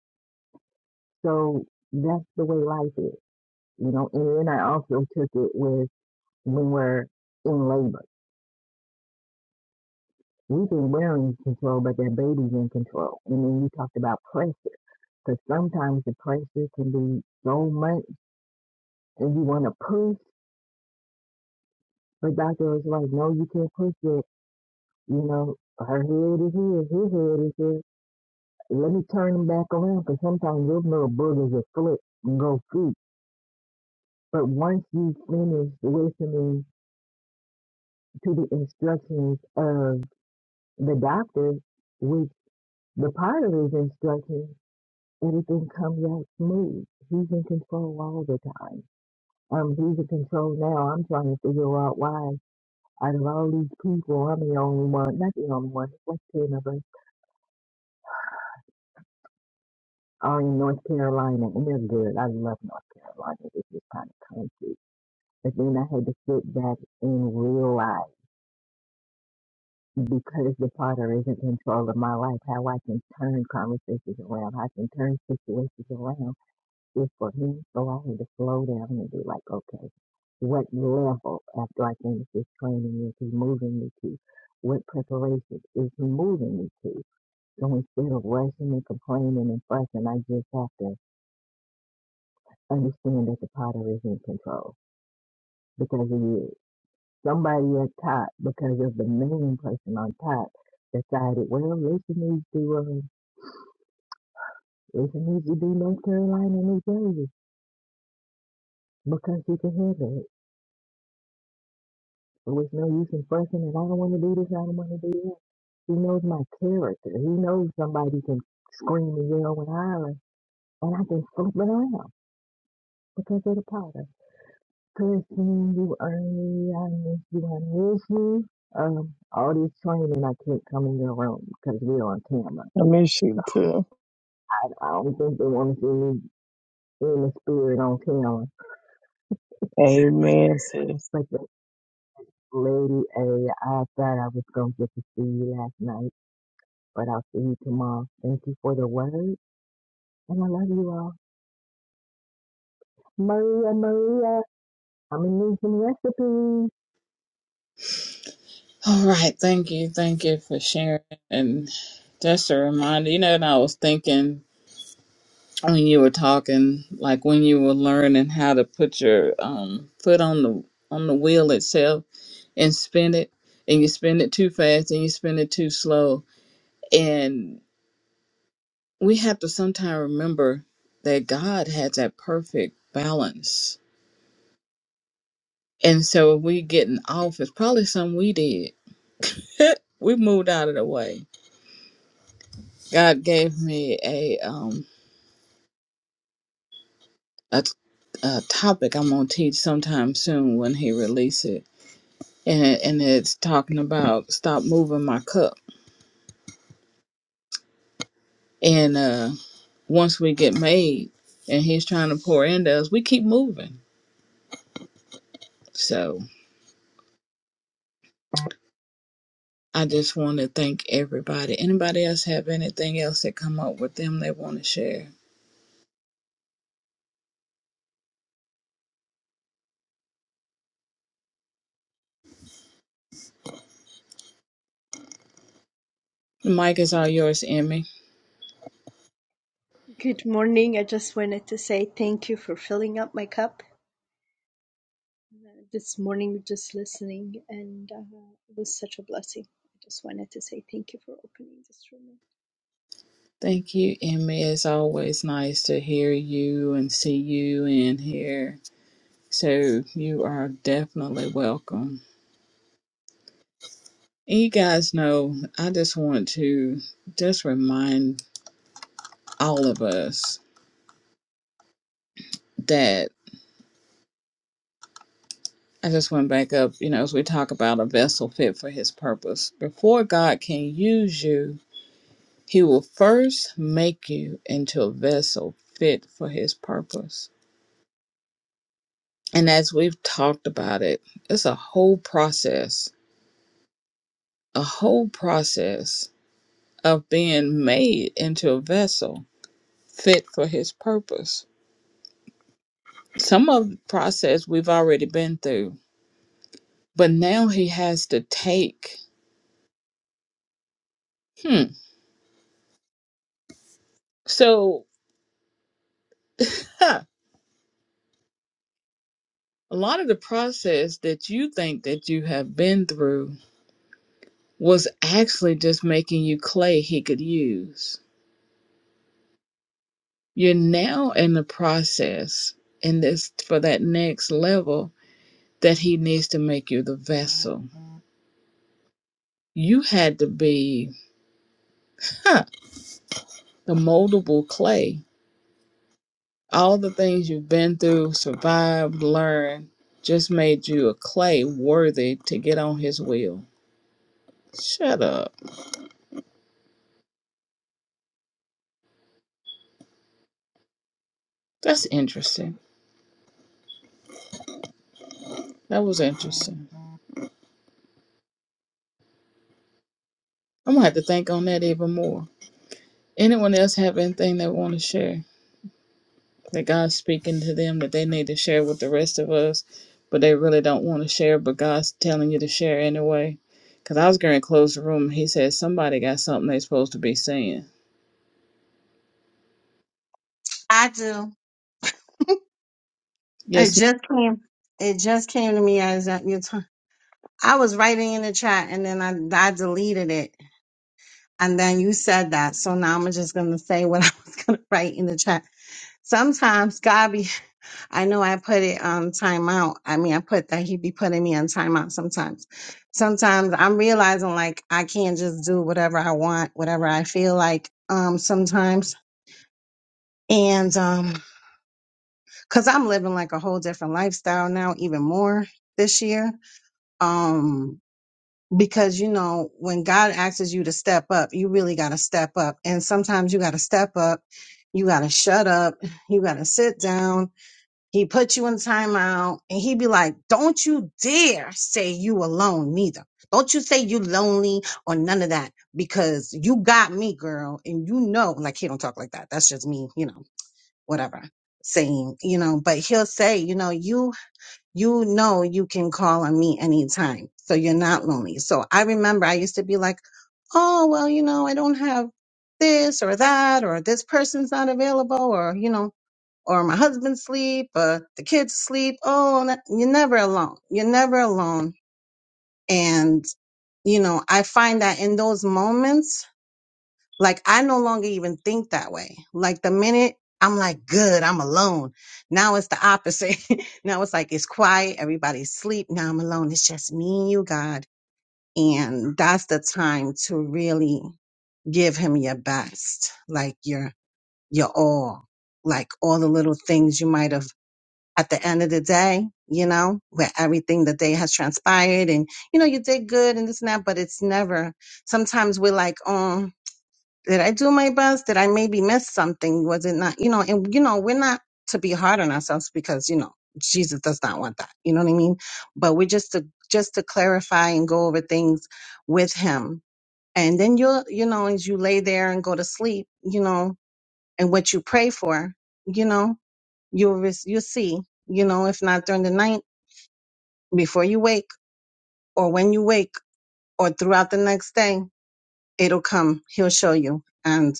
Speaker 6: So that's the way life is, you know. And then I also took it with when we're in labor. We think we're in control, but that baby's in control. And then you talked about pressure because sometimes the pressure can be so much and you want to push. But doctor was like, no, you can't push yet. You know, her head is here, his head is here. Let me turn him back around because sometimes those little boogers will flip and go feet. But once you finish listening to the instructions of the doctor, which the part of his instructions, everything comes out smooth. He's in control all the time. Um, he's in control now. I'm trying to figure out why out of all these people, I'm the only one, not the only one, there's like 10 of us are in North Carolina, and they're good. I love North Carolina. It's this kind of country. But then I had to sit back and realize because the potter is in control of my life, how I can turn conversations around, how I can turn situations around is for him. So I had to slow down and be like, okay, what level after I finish this training is he moving me to? What preparation is he moving me to? So instead of rushing and complaining and fussing, I just have to understand that the potter is in control because he is. Somebody at top, because of the main person on top, decided, well, Lisa needs to, uh, Lisa needs to be North Carolina, and New Jersey, because she can handle it. So it's no use in fussing and I don't want to do this, I don't want to do that. He knows my character. He knows somebody can scream and yell and holler, and I can flip it around because of the potter. pushing you are me. I miss you. I miss you. Um, all this training, I can't come in your room because we're on camera.
Speaker 5: I miss
Speaker 6: So
Speaker 5: you too.
Speaker 6: I, I don't think they want to see me in the spirit on camera.
Speaker 5: Amen, sis.
Speaker 6: But the lady A, I thought I was going to get to see you last night, but I'll see you tomorrow. Thank you for the word, and I love you all. Maria, Maria, I'm going to need some recipes.
Speaker 1: All right. Thank you. Thank you for sharing. And just a reminder, you know, and I was thinking when you were talking, like when you were learning how to put your um, foot on the on the wheel itself and spin it, and you spin it too fast and you spin it too slow, and we have to sometimes remember that God has that perfect balance, and so if we getting off, it's probably something we did. we moved out of the way. God gave me a um a, a topic I'm gonna teach sometime soon when He releases and it- and it's talking about stop moving my cup. And uh, once we get made, and He's trying to pour into us, we keep moving. So I just want to thank everybody. Anybody else have anything else that come up with them they want to share? The mic is all yours, Emmy.
Speaker 7: Good morning. I just wanted to say thank you for filling up my cup uh, this morning, just listening, and uh, it was such a blessing. I just wanted to say thank you for opening this room.
Speaker 1: Thank you, Emmy. It's always nice to hear you and see you and hear. So you are definitely welcome. And You guys know I just want to just remind all of us that I just went back up, you know, as we talk about a vessel fit for his purpose. Before God can use you, he will first make you into a vessel fit for his purpose. And as we've talked about it, it's a whole process, a whole process of being made into a vessel fit for his purpose. Some of the process we've already been through, but now he has to take. Hmm. So Huh. A lot of the process that you think that you have been through was actually just making you clay he could use. You're now in the process in this for that next level that he needs to make you the vessel. You had to be huh, the moldable clay. All the things you've been through, survived, learned, just made you a clay worthy to get on his wheel. Shut up. That's interesting. That was interesting. I'm gonna have to think on that even more. Anyone else have anything they want to share that God's speaking to them that they need to share with the rest of us, but they really don't want to share, but God's telling you to share anyway? Because I was going to close the room. He said somebody got something they're supposed to be saying.
Speaker 3: I do. It
Speaker 1: Yes, madam
Speaker 3: just came it just came to me as that you t- I was writing in the chat and then I, I deleted it. And then you said that. So now I'm just gonna say what I was gonna write in the chat. Sometimes God be I know I put it on timeout. I mean I put that he be putting me on timeout sometimes. Sometimes I'm realizing like I can't just do whatever I want, whatever I feel like. Um sometimes and um because i'm living like a whole different lifestyle now even more this year um because you know when god asks you to step up you really got to step up and sometimes you got to step up you got to shut up you got to sit down he put you in timeout and he be like don't you dare say you alone neither don't you say you lonely or none of that because you got me girl and you know like he don't talk like that that's just me you know whatever saying you know but he'll say you know you you know you can call on me anytime so you're not lonely so i remember i used to be like oh well you know i don't have this or that or this person's not available or you know or my husband's sleep or the kids sleep oh no- you're never alone you're never alone and you know i find that in those moments like I no longer even think that way. Like the minute I'm like, good, I'm alone. Now it's the opposite. now it's like it's quiet, everybody's asleep. Now I'm alone. It's just me and you, God. And that's the time to really give him your best, like your your all, like all the little things you might have at the end of the day, you know, where everything the day has transpired and you know, you did good and this and that, but it's never sometimes we're like, oh, did I do my best? Did I maybe miss something? Was it not, you know, and you know, we're not to be hard on ourselves because, you know, Jesus does not want that. You know what I mean? But we're just to just to clarify and go over things with him. And then you'll, you know, as you lay there and go to sleep, you know, and what you pray for, you know, you'll re- you'll see, you know, if not during the night, before you wake, or when you wake, or throughout the next day, it'll come. He'll show you. and.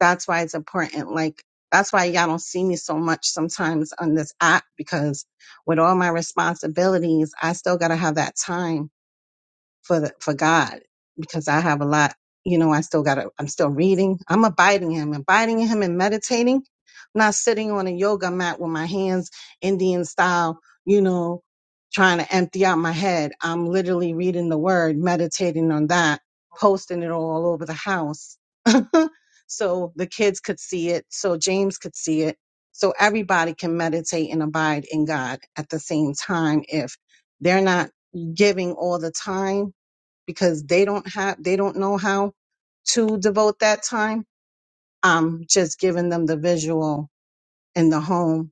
Speaker 3: That's why it's important. Like, that's why y'all don't see me so much sometimes on this app because with all my responsibilities, I still got to have that time for the, for God because I have a lot. You know, I still got. to I'm still reading. I'm abiding Him, abiding in Him, and meditating. I'm not sitting on a yoga mat with my hands Indian style. You know, trying to empty out my head. I'm literally reading the Word, meditating on that, posting it all over the house, so the kids could see it, so James could see it, so everybody can meditate and abide in God at the same time if they're not giving all the time because they don't have they don't know how to devote that time i'm just giving them the visual in the home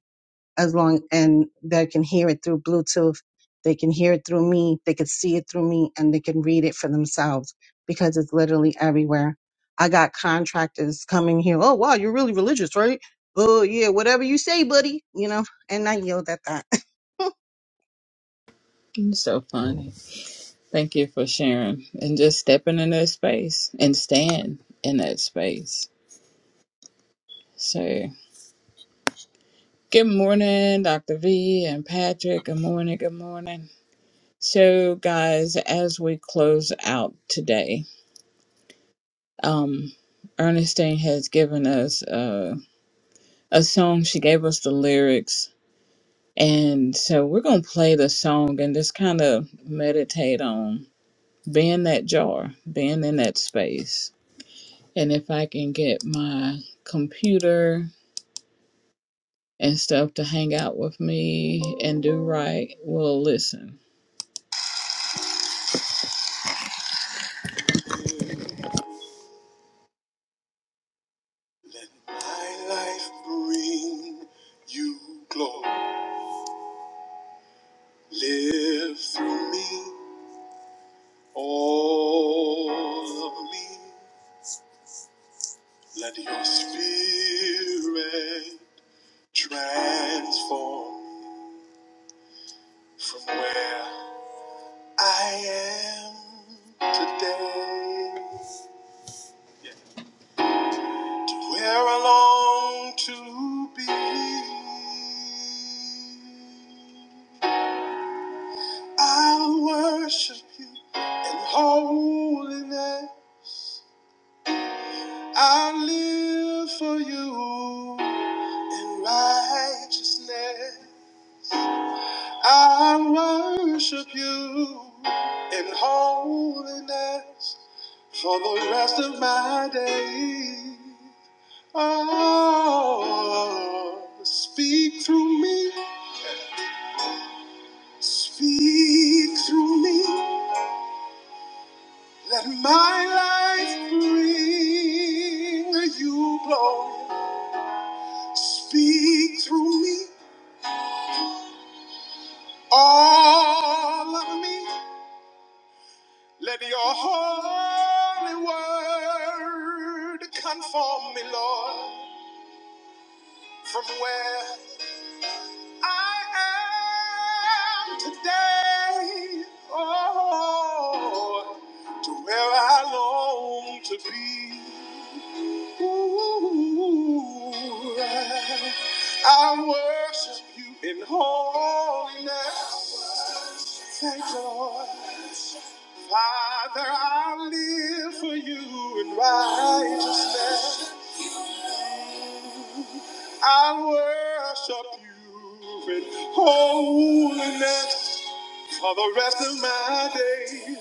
Speaker 3: as long and they can hear it through bluetooth they can hear it through me they can see it through me and they can read it for themselves because it's literally everywhere i got contractors coming here oh wow you're really religious right oh yeah whatever you say buddy you know and i yelled at that
Speaker 1: so funny. Thank you for sharing and just stepping in that space and staying in that space. So, good morning, Dr. V and Patrick. Good morning. Good morning. So, guys, as we close out today, um, Ernestine has given us uh, a song. She gave us the lyrics. And so we're going to play the song and just kind of meditate on being that jar, being in that space. And if I can get my computer and stuff to hang out with me and do right, we'll listen. Bring you glory, live through me. Over me, let your spirit transform from where I am today, where I long to be. I'll worship you in holiness. I live for you in righteousness. I worship you in holiness for the rest of my days. Oh, speak through me, speak through me. Let my life bring you glory. Speak through me, all of me. Let your holy word conform me, Lord. From where I am today, oh, to where I long to be. Ooh, I worship you in holiness. Thank you, Lord. Father, I live for you in righteousness. I worship you in holiness. For the rest of my days.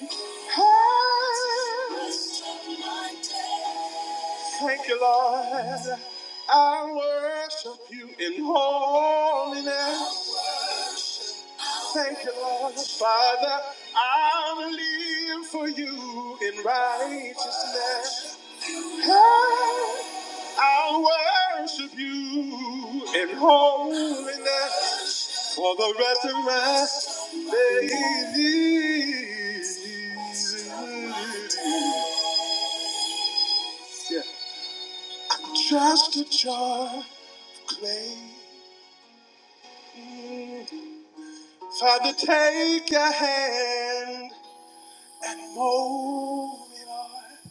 Speaker 1: Thank you, Lord. I worship you in holiness. Thank you, Lord. Father, I live for you in righteousness. I worship you in holiness. For the rest of my days. yeah. Just a jar of clay. Father, take your hand and mold me, Lord.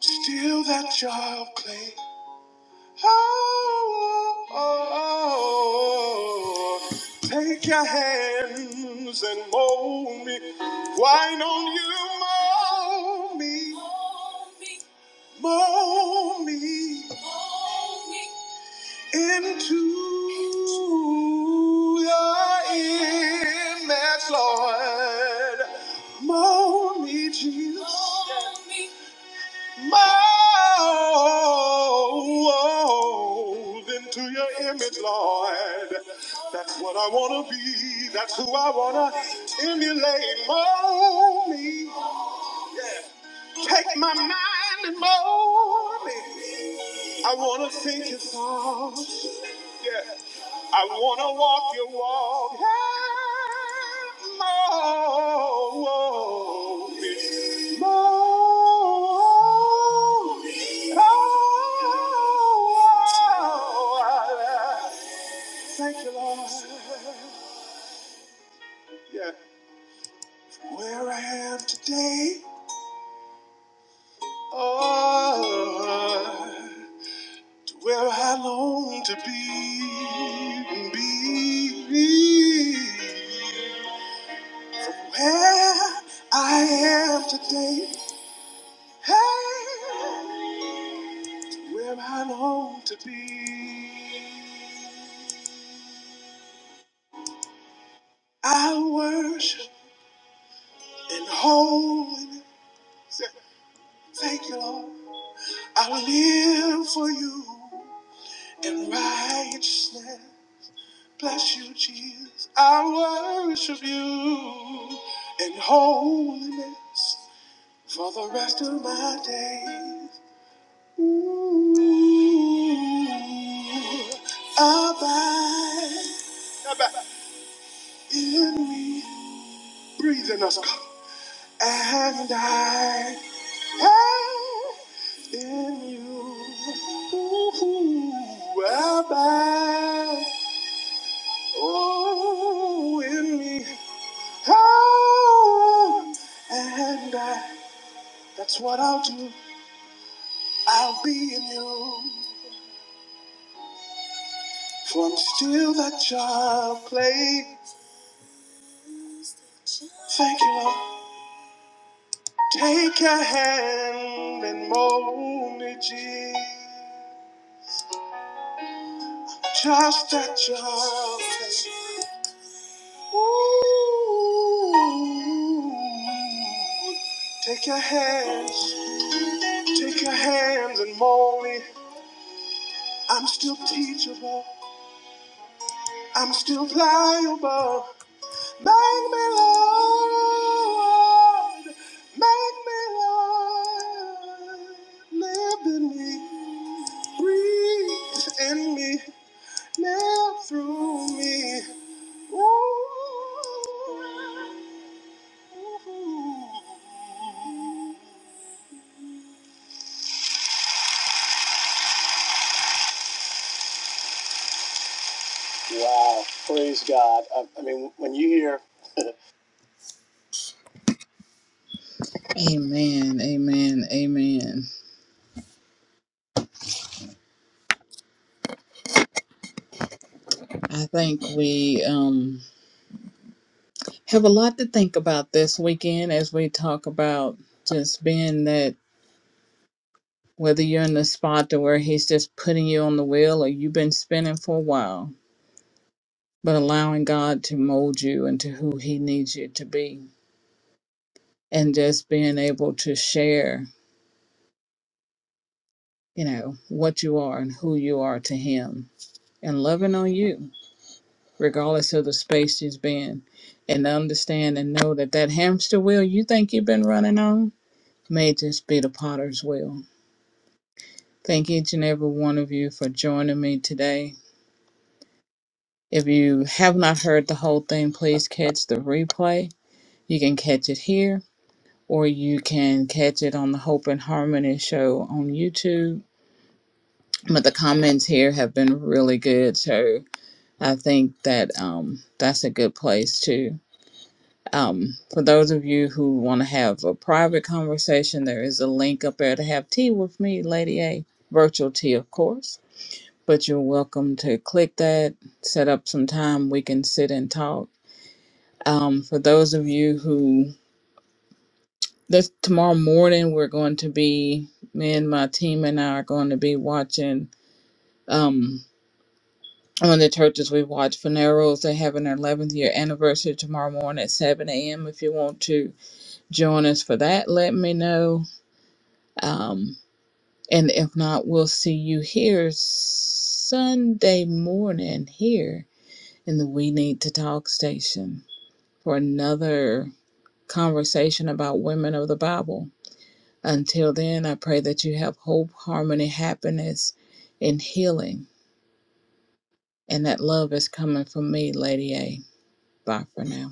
Speaker 1: Still that jar of clay. Oh, oh, oh. Take your hands and mold me. Why don't you mold me? Mold me into your image, Lord. Mold me, Jesus. Mold into your image, Lord. That's what I want to be. That's who I want to emulate. Mold me. Take my mind and mold me. I want to think your thoughts. Yeah. I wanna walk your walk. Hey, Lord. Lord. Oh, Thank you, Lord. Yeah. Where I am today, oh, to where I long to be, be. Where I am today, hey, where I long to be. I worship and holiness. Thank you, Lord. I live for you in righteousness. Bless you, Jesus. I worship you in holiness for the rest of my days. Ooh, abide Abide. in me. Breathe in us, God. And I am in you. Ooh, abide. Oh, in me. Oh, and I. That's what I'll do. I'll be in you. For I'm still that child played. Thank you, Lord. Take your hand and mold me, Jesus, just at your taste. Ooh. Take your hands, take your hands and mold me. I'm still teachable, I'm still pliable. Make me, Lord, make me, Lord, live in me, breathe in me. through me. Ooh. Amen, amen, amen. I think we um, have a lot to think about this weekend as we talk about just being that whether you're in the spot to where He's just putting you on the wheel or you've been spinning for a while, but allowing God to mold you into who He needs you to be and just being able to share, you know, what you are and who you are to Him and loving on you regardless of the space she's been, and to understand and know that that hamster wheel you think you've been running on may just be the potter's wheel. Thank each and every one of you for joining me today. If you have not heard the whole thing, please catch the replay. You can catch it here, or you can catch it on the Hope and Harmony show on YouTube. But the comments here have been really good, so I think that um, that's a good place too Um, for those of you who want to have a private conversation, there is a link up there to have tea with me, Lady A. Virtual tea, of course. But you're welcome to click that, set up some time, we can sit and talk. Um, for those of you who, this tomorrow morning, we're going to be, me and my team and I are going to be watching um, one of the churches we watch funerals. They're having their 11th year anniversary tomorrow morning at 7 a.m. If you want to join us for that, let me know Um, and if not, we'll see you here Sunday morning here in the We Need to Talk station for another conversation about women of the Bible. Until then, I pray that you have hope, harmony, happiness, and healing, and that love is coming from me, Lady A. Bye for now.